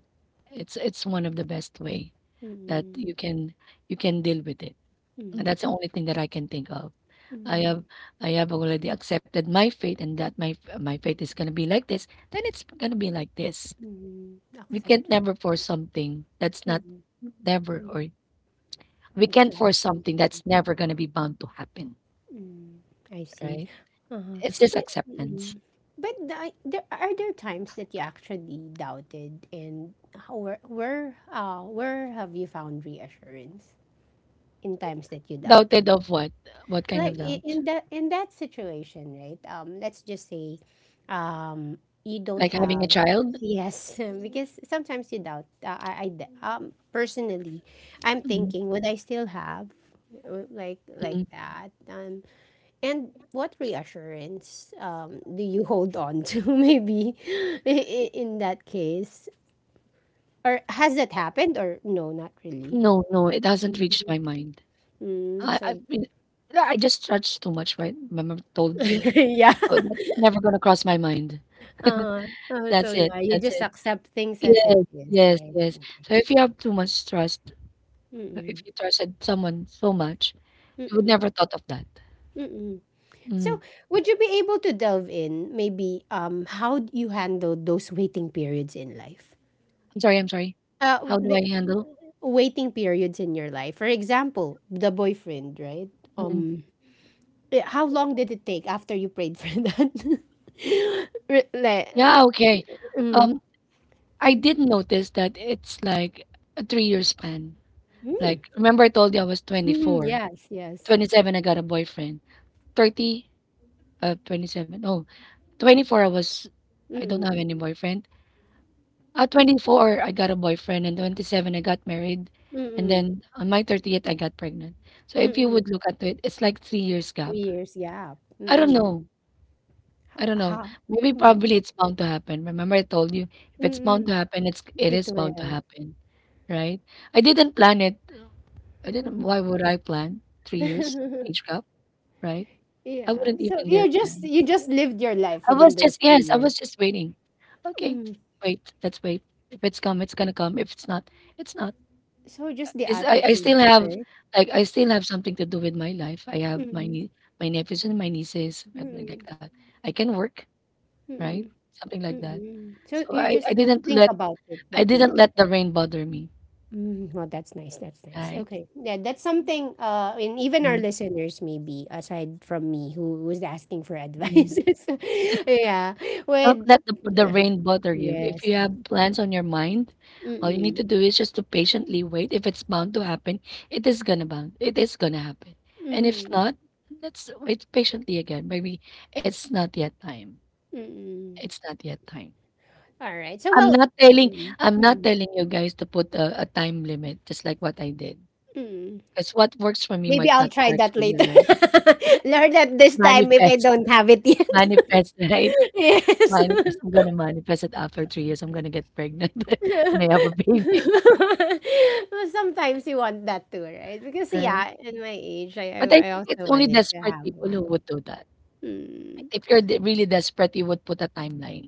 It's one of the best way that
mm,
you can deal with it.
mm,
That's the only thing that I can think of. I
mm,
have I have already accepted my fate and that my fate is gonna be like this, then it's gonna be like this.
mm,
We can't
acceptance.
never force something that's not
Mm,
never
mm,
or we
it's
can't
not
force something
easy.
that's never gonna be bound to happen,
Mm, I see.
right?
Uh-huh.
It's just
But
acceptance.
mm, but the, there are, there times that you actually doubted? And how, where, where have you found reassurance in times that you doubted?
Doubted of what? What kind
Like,
of doubt?
in that, in that situation, right? Let's just say, um you don't
Like having a
have,
child?
yes. Because sometimes you doubt, personally I'm
Mm,
thinking, would I still have, like
mm.
that, and what reassurance, do you hold on to? Maybe in that case, or has that happened? Or no, not really.
No, no, it hasn't reached my mind.
Mm, so
I been, I just trudge too much, right? Remember I told you?
yeah.
Oh, that's never gonna cross my mind.
Uh-huh. Oh, so
That's it,
yeah, you
that's
just
it.
accept things as it
Yes,
is,
yes,
right?
yes. So
Okay.
if you have too much trust, if
Mm-mm.
you trusted someone so much, you would
Mm-mm.
never thought of that.
Mm-mm. So,
Mm.
would you be able to delve in maybe, how you handle those waiting periods in life?
I'm sorry, I'm sorry.
Uh
How do
w-
I handle?
Waiting periods in your life. For example, the boyfriend, right?
Mm.
Um how long did it take after you prayed for that? Like,
Yeah, okay.
mm,
Um, I did notice that it's like a 3 year span. Like,
mm,
remember I told you I was
mm,
24,
yes, yes.
27, I got a boyfriend, 30, 27, oh, 24, I don't
Mm,
have any boyfriend. At 24, I got a boyfriend, and 27, I got married, and
mm,
then on my 30th, I got pregnant. So
mm,
if you
mm.
would look at it, it's like 3 years
Three
gap.
years, yeah.
I don't
Mm-mm.
know. I don't know.
How
Maybe
mm,
probably it's bound to happen. Remember I told you, if it's bound
mm,
to happen, it
it
is bound to
will.
happen, right? I didn't plan it. I didn't,
Mhm.
why would I plan 3 years age gap, right? I
Yeah.
wouldn't
So
even
you
dare
just,
plan.
you just lived your life
I
within
was
those
just,
three
yes, I
years.
was just waiting. Okay,
Mm.
wait, let's wait. If it's come, it's gonna come. If it's not, it's not.
So just the
It's I
attitude,
still have
right?
like, I still have something to do with my life. I have
Mm,
my nephews and my nieces, something like
mm,
that. I can work, right?
mm,
Something like that.
mm. So
So
you just don't think about it
I
that
didn't
much.
let the rain bother me,
Mm, well, that's nice. That's nice.
right?
Okay. Yeah, that's something, uh, and even our
Mhm.
listeners, maybe, aside from me who was asking for advice. Yeah.
Don't
With
let the
uh,
rain bother you. If
yes.
you have plans on your mind, all you need
Mm-mm.
to do is just to patiently wait. If it's bound to happen, it is gonna bound. It is gonna happen. And if
Mm-mm.
not, let's wait patiently again. Maybe it's not yet time.
Mm.
It's not yet time.
Alright. So,
I'm
well
not telling
mm,
I'm not
mm,
telling you guys to put a time limit, just like what I did.
mm.
Because what works for me
Maybe
might
I'll
not
try
work
that
for Exactly.
later.
you, right?
Learn that this time if I
Manifest.
don't have it yet.
Manifest, right?
Yes.
Manifest. I'm gonna manifest it after 3 years. I'm gonna get pregnant and I have a baby.
Well, sometimes you want that too, right? Because
Right.
yeah, at my age,
But I
I
think
also
it's only
wanted to
desperate
have
people who
one.
would do that.
Mm.
If you're really desperate, you would put a timeline.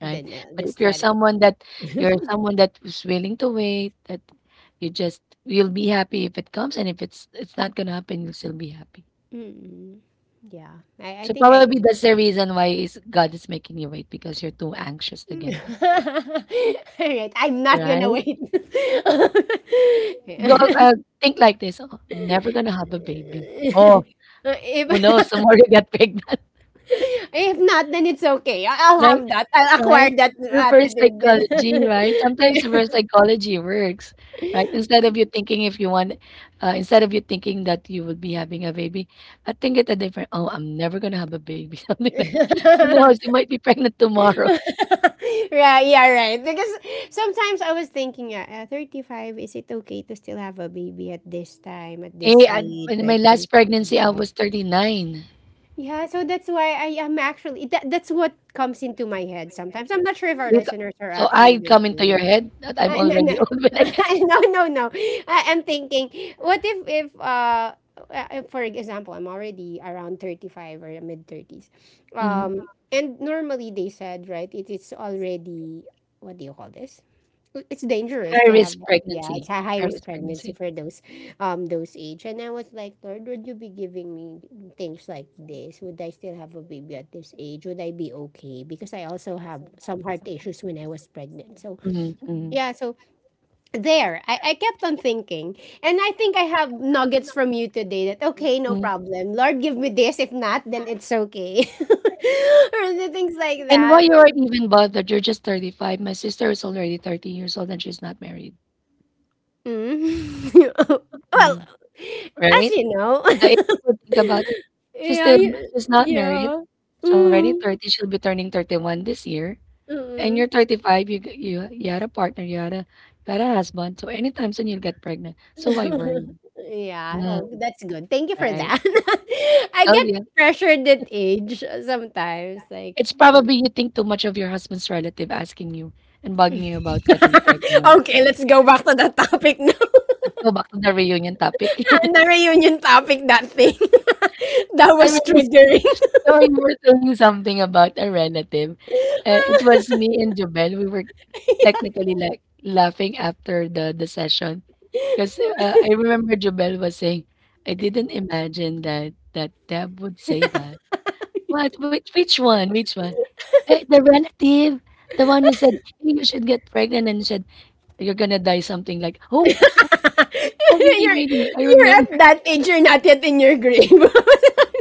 Right?
Then I'll
But if
just
you're
let it
someone
be.
that you're someone that is willing to wait, that you just you'll be happy if it comes, and if it's not gonna happen, you'll still be happy.
Mm. Yeah, I
So
think I
probably
am.
that's the reason why is God is making you wait because you're too anxious to get it,
All right, I'm not gonna
right?
wait. Yeah.
Go uh, think like this: Oh, never gonna have a baby. Oh, who
If,
knows? Tomorrow you get pregnant,
if not, then it's okay. I'll
right?
have that. I'll
Right?
acquire that
Reverse
attitude then.
psychology, right? Sometimes reverse psychology works, right? Instead of you thinking if you want, instead of you thinking that you would be having a baby, I think it a different, oh, I'm never going to have a baby. Something like, who knows? You might be pregnant tomorrow.
Right, yeah, right. Because sometimes I was thinking, 35, is it okay to still have a baby at this time, at this
Hey, I,
age,
in my
like, things
last
like
pregnancy, I
that?
was 39.
Yeah, so that's why I am actually, that, that's what comes into my head sometimes. I'm not sure if our listeners are
So
actually
I
the
come into your
same.
head that I'm
No, no.
already old when I,
No, no, no. I, I'm thinking, what if for example, I'm already around 35 or mid 30s,
Mhm.
and normally they said, right, it is already, what do you call this? It's dangerous
I
to have,
risk
yeah, it's
pregnancy.
a high
I
risk
risk
pregnancy
pregnancy.
for those age. And I was like, Lord, would you be giving me things like this? Would I still have a baby at this age? Would I be okay? Because I also have some heart issues when I was pregnant. So
Mm-hmm, mm-hmm,
yeah, so there I kept on thinking. And I think I have nuggets from you today that, okay, no
mm-hmm.
problem, Lord, give me this, if not then it's okay, or the things like
Why
that.
you are even bothered. You're just 35. My sister is already 30 years old and she's not married.
Mm. Well,
Mm,
as
right?
you know,
So if you would think about it, she's
yeah,
still
you-
she's not married.
yeah.
She's already
Mm.
30. She'll be turning 31 this year. And
Mm.
you're 35. You you had a partner. You had a husband. So anytime soon you'll get pregnant. So why worry?
Yeah,
Mm,
oh that's good, thank you for
right?
that. I
Oh
get
yeah.
pressured at age sometimes, like
It's probably you think too much of your husband's relative asking you and bugging you about getting pregnant.
okay, let's go back to the topic na,
Let's go back to the reunion topic.
the reunion topic, that thing. That
I
was
remember,
triggering.
you were saying something about a relative. It was me and Jobel. We were technically like laughing after the session because
you're,
I remember Jobel was saying, "I didn't imagine that Deb would say that." What? Which one? Which one? Eh, the relative, the one who said, "Hey, you should get pregnant," and said you're gonna die, something like, oh oh, really really, I
you're
remember.
at that age, you're not yet in your grave.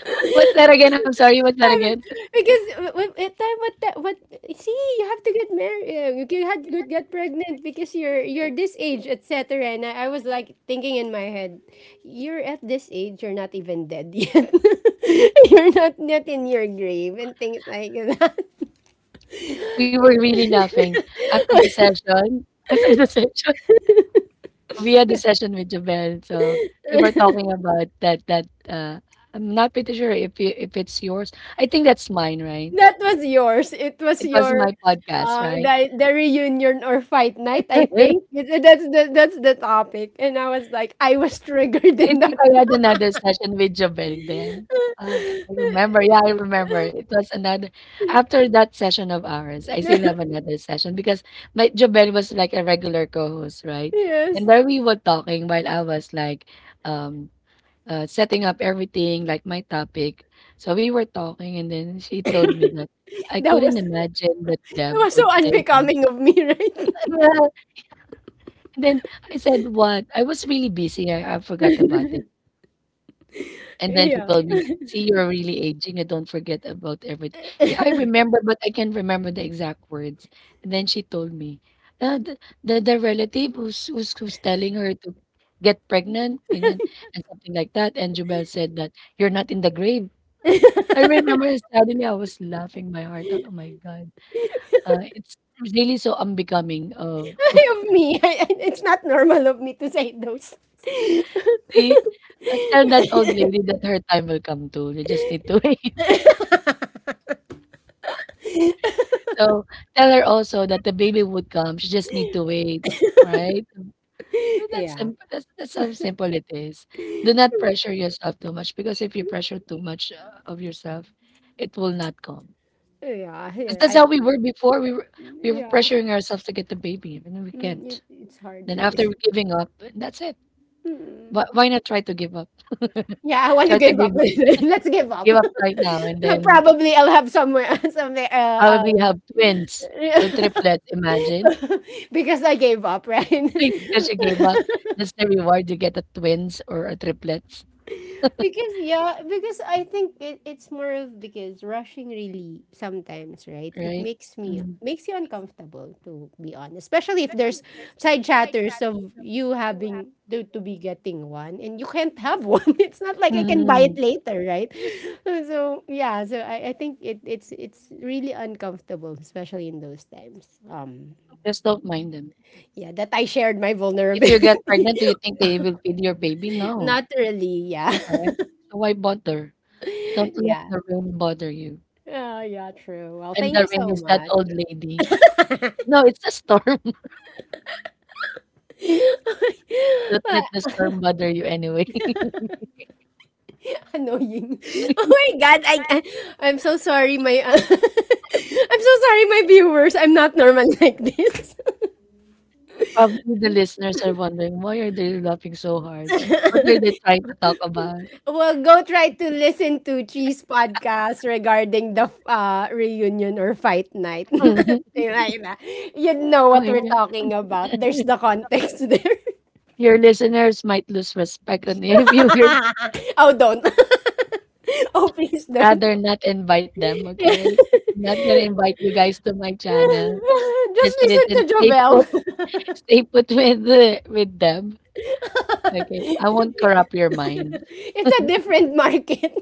What's that again? I'm sorry, what's that
Grabe,
again?
because w w at time what that what, see, you have to get married. You can had good get pregnant because you're this age, etc. And I was like thinking in my head, you're at this age, you're not even dead yet. You're not in your grave and things like that.
We were really laughing after the session, after the session. We had the session with Jobel, so we were talking about that, I'm not pretty sure if it's yours. I think that's mine, right?
That was yours. It was
It was in
your
my podcast,
uh
right?
the, the reunion or fight night, I
I
think. That's the topic. And I was like, I was triggered in
think
that.
I had another session with Jobel then. I remember. Yeah, I remember. It was another, after that session of ours, I still have another session because my Jobel was like a regular co-host, right? And
Yes.
there we were talking while I was like um setting up everything, like my topic. So we were talking, and then she told me that I
That
couldn't
was
imagine that
that
Deb
was
would
so
say that.
unbecoming of me, right?
Yeah. And then I said, "What? I was really busy. I forgot about it." And then she
Yeah.
told me, "See, you're really aging. I don't forget about everything." Yeah, I remember, but I can't remember the exact words. And then she told me, uh, the, the relative who's telling her to get pregnant, ganyan, and something like that. And Jubel said that you're not in the grave. I remember suddenly I was laughing my heart out. Oh my god. It's really so unbecoming of
Of me. It's not normal of me to say those.
the, tell that old lady that her time will come too. You just need to wait. So tell her also that the baby would come. She just need to wait, right? So that's
Yeah.
simple. That's how simple it is. Do not pressure yourself too much, because if you pressure too much of yourself, it will not come.
Yeah.
Because
Yeah,
that's
I
how we
think
were
it is.
before. We were
Yeah.
pressuring ourselves to get the baby, and then we
Mm,
can't.
it's hard,
Then
right?
after giving up, that's it.
Mm.
Why not try to give up?
Yeah, I want to
Try to
give up.
give up,
Let's give up.
give up right now, and then
Probably I'll have somewhere, somewhere.
probably have twins or triplets, imagine.
Because I gave up, right?
Because you gave up, that's the reward you get, a twins or a triplets,
Because yeah, because I think it's more of because rushing really sometimes, right? It
right?
makes me makes you uncomfortable, to be honest, especially if there's side chatters of you having to be getting one and you can't have one. It's not like I can buy it
Mhm.
later, right? So yeah, so I think it's really uncomfortable, especially in those times.
Just don't mind them.
Yeah, that I shared my
If you
vulnerability.
get pregnant, do you think they will your baby? No,
Not really, yeah.
right? So why bother? Don't let
Yeah.
the rain bother you.
Oh, yeah, true. Well,
And
thank
the
you
rain
so
is that
much.
old lady. No, it's a storm. Don't let the storm
Well,
bother you anyway.
annoying. Oh my God, I'm so sorry, my I'm so sorry, my viewers. I'm not normal like this.
Probably the listeners are wondering, why are they laughing so hard? What are they trying to talk about?
Well, go try to listen to Cheese podcast regarding the reunion or fight night. Diba, diba? You'd know
Oh
what
my
we're
God.
talking about. There's the context there.
Your listeners might lose respect on you if you would
Oh, don't. Oh, please don't.
rather not invite them, okay? I'm not gonna invite you guys to my channel.
Just
Just
listen
listen,
to
stay put,
Jovel.
stay put with with them. Okay, I won't corrupt your mind.
It's a different market.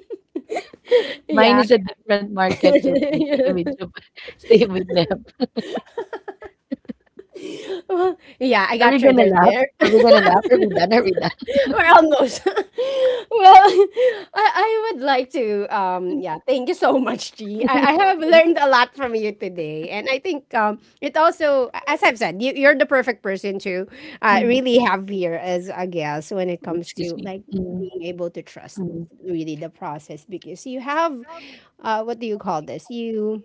Mine
Yeah.
is a different market, so please stay with you, stay with them.
Yeah, I
Are
got
we gonna
triggered
laugh?
there.
Are we gonna laugh? Are we done? Are we done?
around those. Well, I would like to yeah, thank you so much, G. I have learned a lot from you today. And I think it also, as I've said, you're the perfect person to really have here as a guest when it comes
Excuse
to
me.
like
Hmm.
being able to trust
Mm, mm.
really the process because you have what do you call this?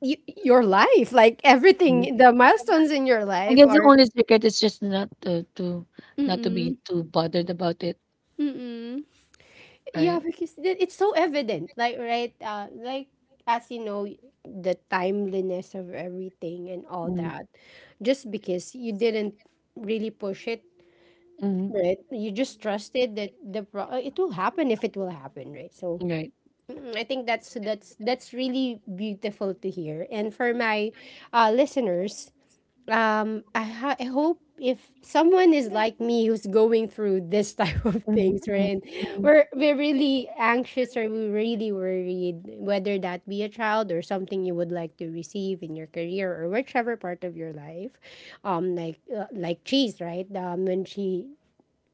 You your life, like everything, the milestones in your
I
life
guess the
are
only secret is just not to not to be
mm-mm,
too bothered about it,
mm-mm. Yeah,
right?
because it's so evident, like right, like as you know, the timeliness of everything and all
Mm,
that, just because you didn't really push it,
mhm,
right? You just trusted that it will happen if it will happen, right? So
right.
mm, I think that's that's really beautiful to hear, and for my listeners, I hope, if someone is like me who's going through this type of
Mhm,
things
mhm,
right, and
mhm.
we're really anxious or we're really worried, whether that be a child or something you would like to receive in your career or whichever part of your life, like cheese, right? When she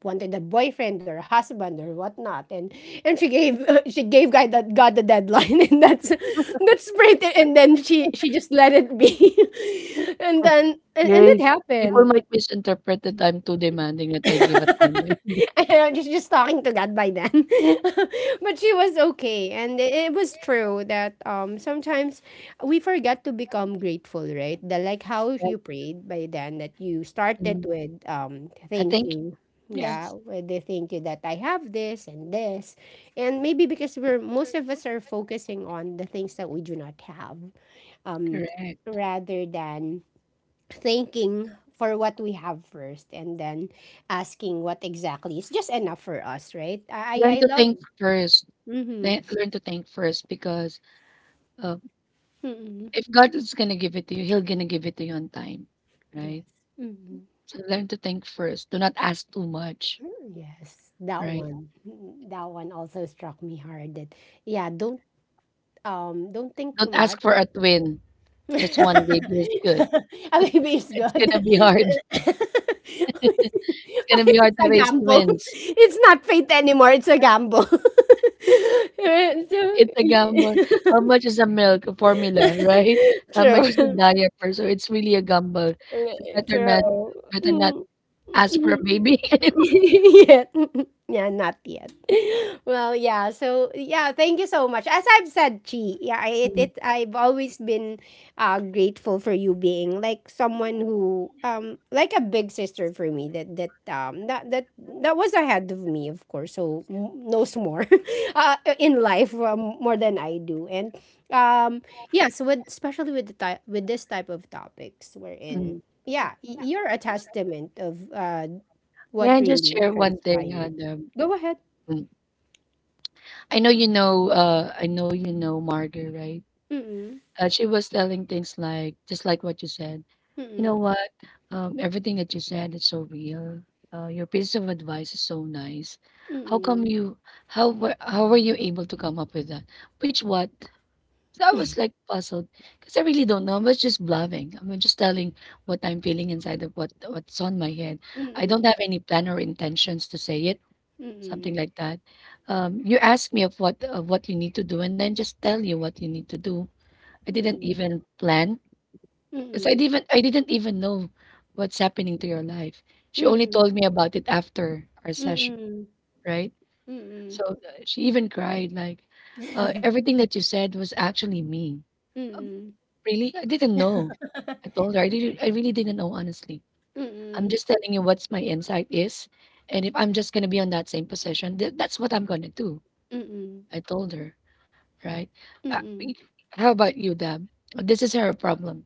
wanted a boyfriend or husband or whatnot, and she gave she gave guy that got the deadline, and that's pretty, and then she just let it be, and then and it
Yay. People
happened.
might misinterpret that I'm too demanding that I give a timeline.
I was just talking to God by then. But she was okay. And it was true that sometimes we forget to become grateful, right? The Like how
Right.
you prayed by then, that you started
Mm,
with
I
thank
think
you.
yes,
Yeah, with the thank you that I have this and this. And maybe because we're most of us are focusing on the things that we do not have. Um
correct.
Rather than thanking for what we have first and then asking what exactly is just enough for us, right? i
Learn
i
to
love
think first.
mm-hmm.
Learn to think first because, uh,
Mm-hmm.
if God is gonna give it to you, He'll gonna give it to you on time, right?
Yes. Mm-hmm.
So learn to think first. Do not ask too much,
Yes, that
right?
one. Mm, that one also struck me hard. That yeah, don't think too
Don't ask
much.
for a twin, just
A
1 baby is good.
baby is
It's gonna
good.
be hard. It's
Why
gonna be
is it
hard to
a
raise
gamble?
twins.
It's not fate anymore, it's a gamble.
It's a gamble. How
So
much is a milk, a formula, right? How much is the
true.
diaper? So it's really a gamble. So
True.
better
Mm,
not ask for
mhm.
a baby.
Yet. Yeah, not yet. Well, yeah. So yeah, thank you so much. As I've said, Chi, yeah, it I've always been grateful for you, being like someone who like a big sister for me, that that that was ahead of me, of course. So knows more in life, more than I do. And um yes, with, especially with the type, with this type of topics we're
Mm.
in, yeah, you're a testament of
May
what
I just
really
share one thing
transpired?
on them?
Go ahead.
Mm. I know you know, I know you know Margaret, right?
Mm-mm.
She was telling things like just like what you said. You know
Mm-mm.
what? Everything that you said is so real. Your piece of advice is so nice. How come you? How were? How were you able to come up with that? Which what? So I was like puzzled because I really don't know. I was just bluffing. I'm just telling what I'm feeling inside of what's on my head. I don't
Mm-mm.
have any plan or intentions to say it. Something
Mm-mm.
like that. You asked me of what you need to do, and then just tell you what you need to do. I didn't even plan because
Mm-mm.
I didn't even know what's happening to your life. She
Mm-mm.
only
Mm-mm.
told me about it after our
Mm-mm.
session,
Mm-mm.
right?
Mm-mm.
So, she even cried like, everything that you said was actually me. Uh,
Mm-mm.
Really, I didn't know. I told her I really didn't know, honestly. I'm
Mm-mm.
just telling you what's my insight is, and if I'm just gonna be on that same position, that's what I'm gonna do.
Mm-mm.
I told her, right? Uh, y-
Mm-mm.
how about you, Dab? This is her problem.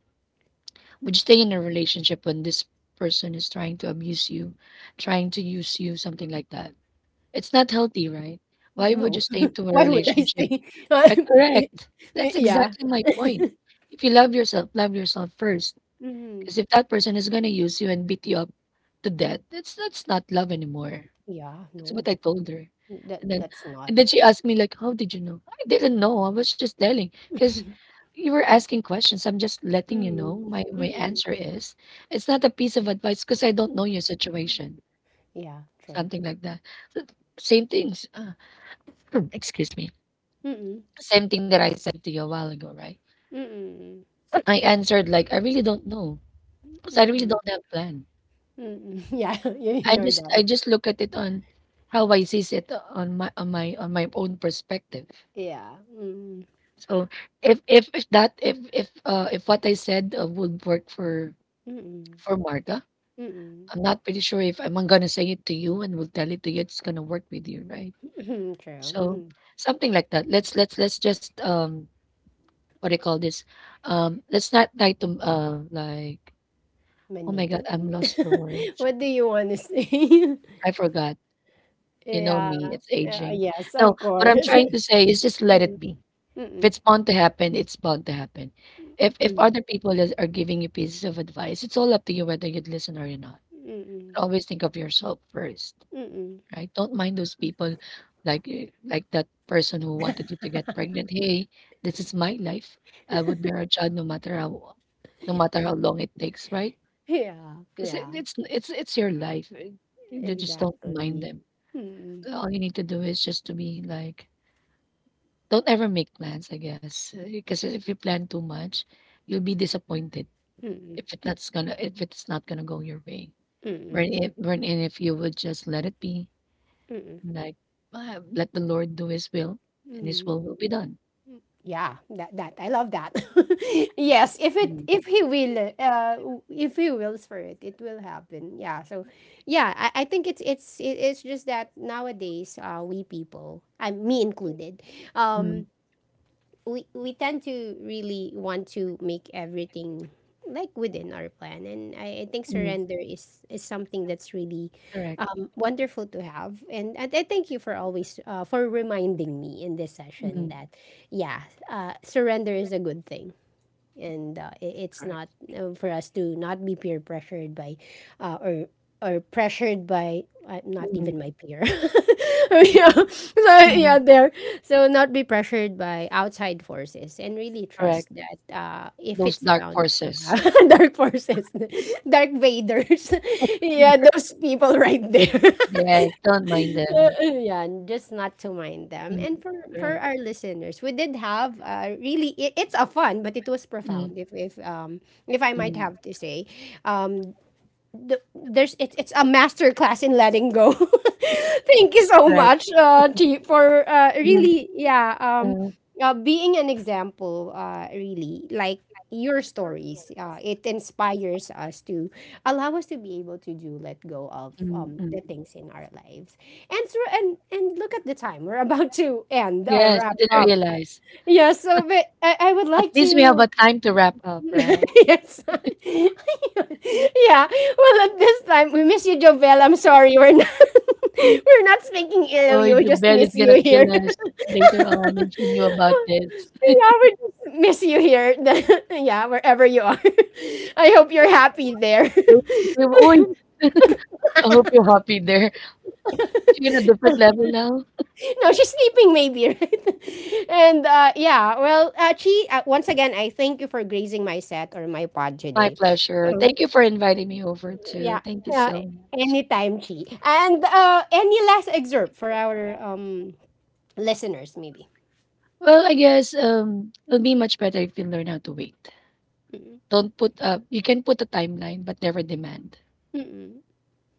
Would you stay in a relationship when this person is trying to abuse you, trying to use you, something like that? It's not healthy, right? Why would
No.
you stay to a
Why would I
relationship?
say?
Correct. That's
Yeah.
exactly my point. If you love yourself first.
Mm-mm.
Because if that person is gonna use you and beat you up to death, that's not love anymore.
Yeah,
That's what
no.
I told her.
That
And then
that's not.
and then she asked me like, "How did you know?" I didn't know. I was just telling because you were asking questions. I'm just letting you know my
Mm-mm. Mm-mm.
answer is. It's not a piece of advice because I don't know your situation.
Yeah, true.
Something like that. So, same things. Excuse me.
Mm-mm.
Same thing that I said to you a while ago, right?
Mm-mm.
I answered like, "I really don't know because I really
Mm-mm.
don't have plan.
Mm-mm. Yeah, you're that.
I just look at it on how I sees it on my on my own perspective."
Yeah. Mm.
So if that if what I said, would work for
Mm.
Marga,
Mm.
I'm not pretty sure if I'm gonna say it to you and will tell it to you, it's gonna work with you, right?
Mm. True.
So
Mhm.
something like that. Let's just what do you call this? Let's not try to like, oh my god,
Manipulate?
I'm lost for words.
What do you wanna say?
I forgot. You know me,
Yeah.
it's
Yeah,
aging.
yes,
No,
of
what I'm
course.
trying to say is just let
Mm.
it be. If
Mm.
it's bound to happen, it's bound to happen. If
Mm.
other people is, are giving you pieces of advice, it's all up to you whether you'd listen or you're not.
Mm.
Always think of yourself first,
Mm.
right? Don't mind those people, like eh, like that person who wanted you to get pregnant. Hey, this is my life. I would bear a child no matter how, no matter how long it takes, right?
Yeah,
Because
yeah.
it's it's your life. Eh, they just don't mind
Exactly.
them.
Mm.
All you need to do is just to be like, don't ever make plans, I guess, because if you plan too much, you'll be disappointed
Mm.
if it's not gonna go your way.
Mm.
Wherein if you would just let it be,
Mm.
like, let the Lord do His will, and His
Mm.
will be done.
Yeah, that I love that. Yes,
Mm,
if he will if he wills for it, it will happen, yeah. So yeah, I think it's just that nowadays we people, I me included, um
mm,
we tend to really want to make everything like within our plan. And I think surrender is something that's really
correct.
wonderful to have, and I thank you for always, for reminding me in this session
Mm,
that yeah, surrender is a good thing, and it's not
correct.
for us to not be peer pressured by or pressured by, not
Mm,
even my peer. Yeah, so yeah
mm.
there, so not be pressured by outside forces and really trust that if
Those
it's
dark
bound to
forces.
have dark forces, dark vaders, yeah those people right there.
Yes, don't mind them.
Yeah, just not to mind them. And
Mm,
for
right.
our listeners, we did have really, it's a fun, but it was
Mm,
profound. If if I might
mm,
have to say, um there's it's a master class in letting go. Thank you so
right.
much, Chi, for
Mm,
really yeah
uh,
being an example. Really like your stories. It inspires us to allow us to be able to do let go of
mm,
the
mm.
things in our lives. And so and look at the time, we're about to end or
Yes, I
wrap
didn't
up.
realize.
Yeah. So but I would
At
like
least we have a
to
time to wrap up, right?
yes. Yeah. Well, at this time, we miss you, Jovel. I'm sorry. We're not, we're not speaking ill of you.
Oy,
We just
Jubel is
miss you
gonna
here.
kill us later
Yeah,
on if she knew about this.
we just miss you here. Yeah, wherever you are. I hope you're happy there.
Oh, I hope you're happy there. Is she in a different level now?
No, she's sleeping maybe, right? And yeah, well, Chi, once again, I thank you for grazing my set or my pod
My
today.
pleasure. Thank you for inviting me over
Yeah.
too. Thank you
Uh,
so much.
Anytime, Chi. And any last excerpt for our listeners, maybe.
Well, I guess it'll be much better if you learn how to wait.
Mm-mm.
Don't put up you can put a timeline but never demand.
Mm-mm.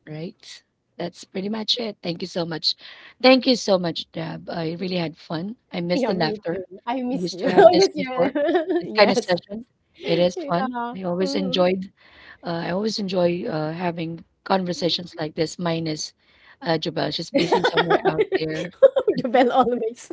Right. That's pretty much it. Thank you so much. Thank you so much, Deb. I really
Mm.
had fun. I miss
Yeah,
the
me too.
laughter.
I
We
miss
used
you.
to have
I
this
miss you.
before, this kind of
Yes.
session. It is fun.
Yeah.
I always
Mm.
enjoyed. I always enjoy having conversations like this. Minus Jabel, she's busy somewhere out there.
The bell always.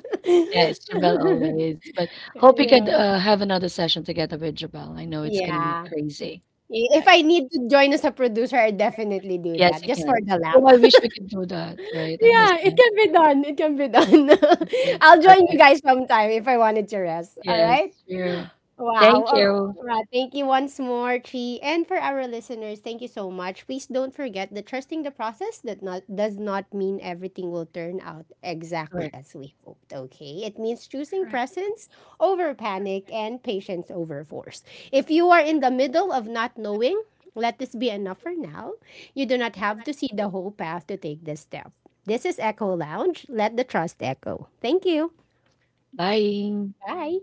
Yes, Jabel always. But hope we could,
Yeah.
have another session together with Jabel. I know it's gonna be
Yeah.
crazy.
If
Right.
I need to join as a producer, I definitely do
Yes,
that
you
just for
can.
the laugh.
Oh, I wish we could do that. Right. I miss
Yeah, it
that.
can be done. It can be done.
Okay,
I'll join you
perfect.
guys sometime if I wanted to rest. All
Yes,
right.
sure.
Wow.
Thank
All
you.
right. Thank you once more, Chi. And for our listeners, thank you so much. Please don't forget that trusting the process that not does not mean everything will turn out exactly
Right.
as we hoped, okay? It means choosing presence over panic and patience over force. If you are in the middle of not knowing, let this be enough for now. You do not have to see the whole path to take this step. This is Echo Lounge. Let the trust echo. Thank you.
Bye.
Bye.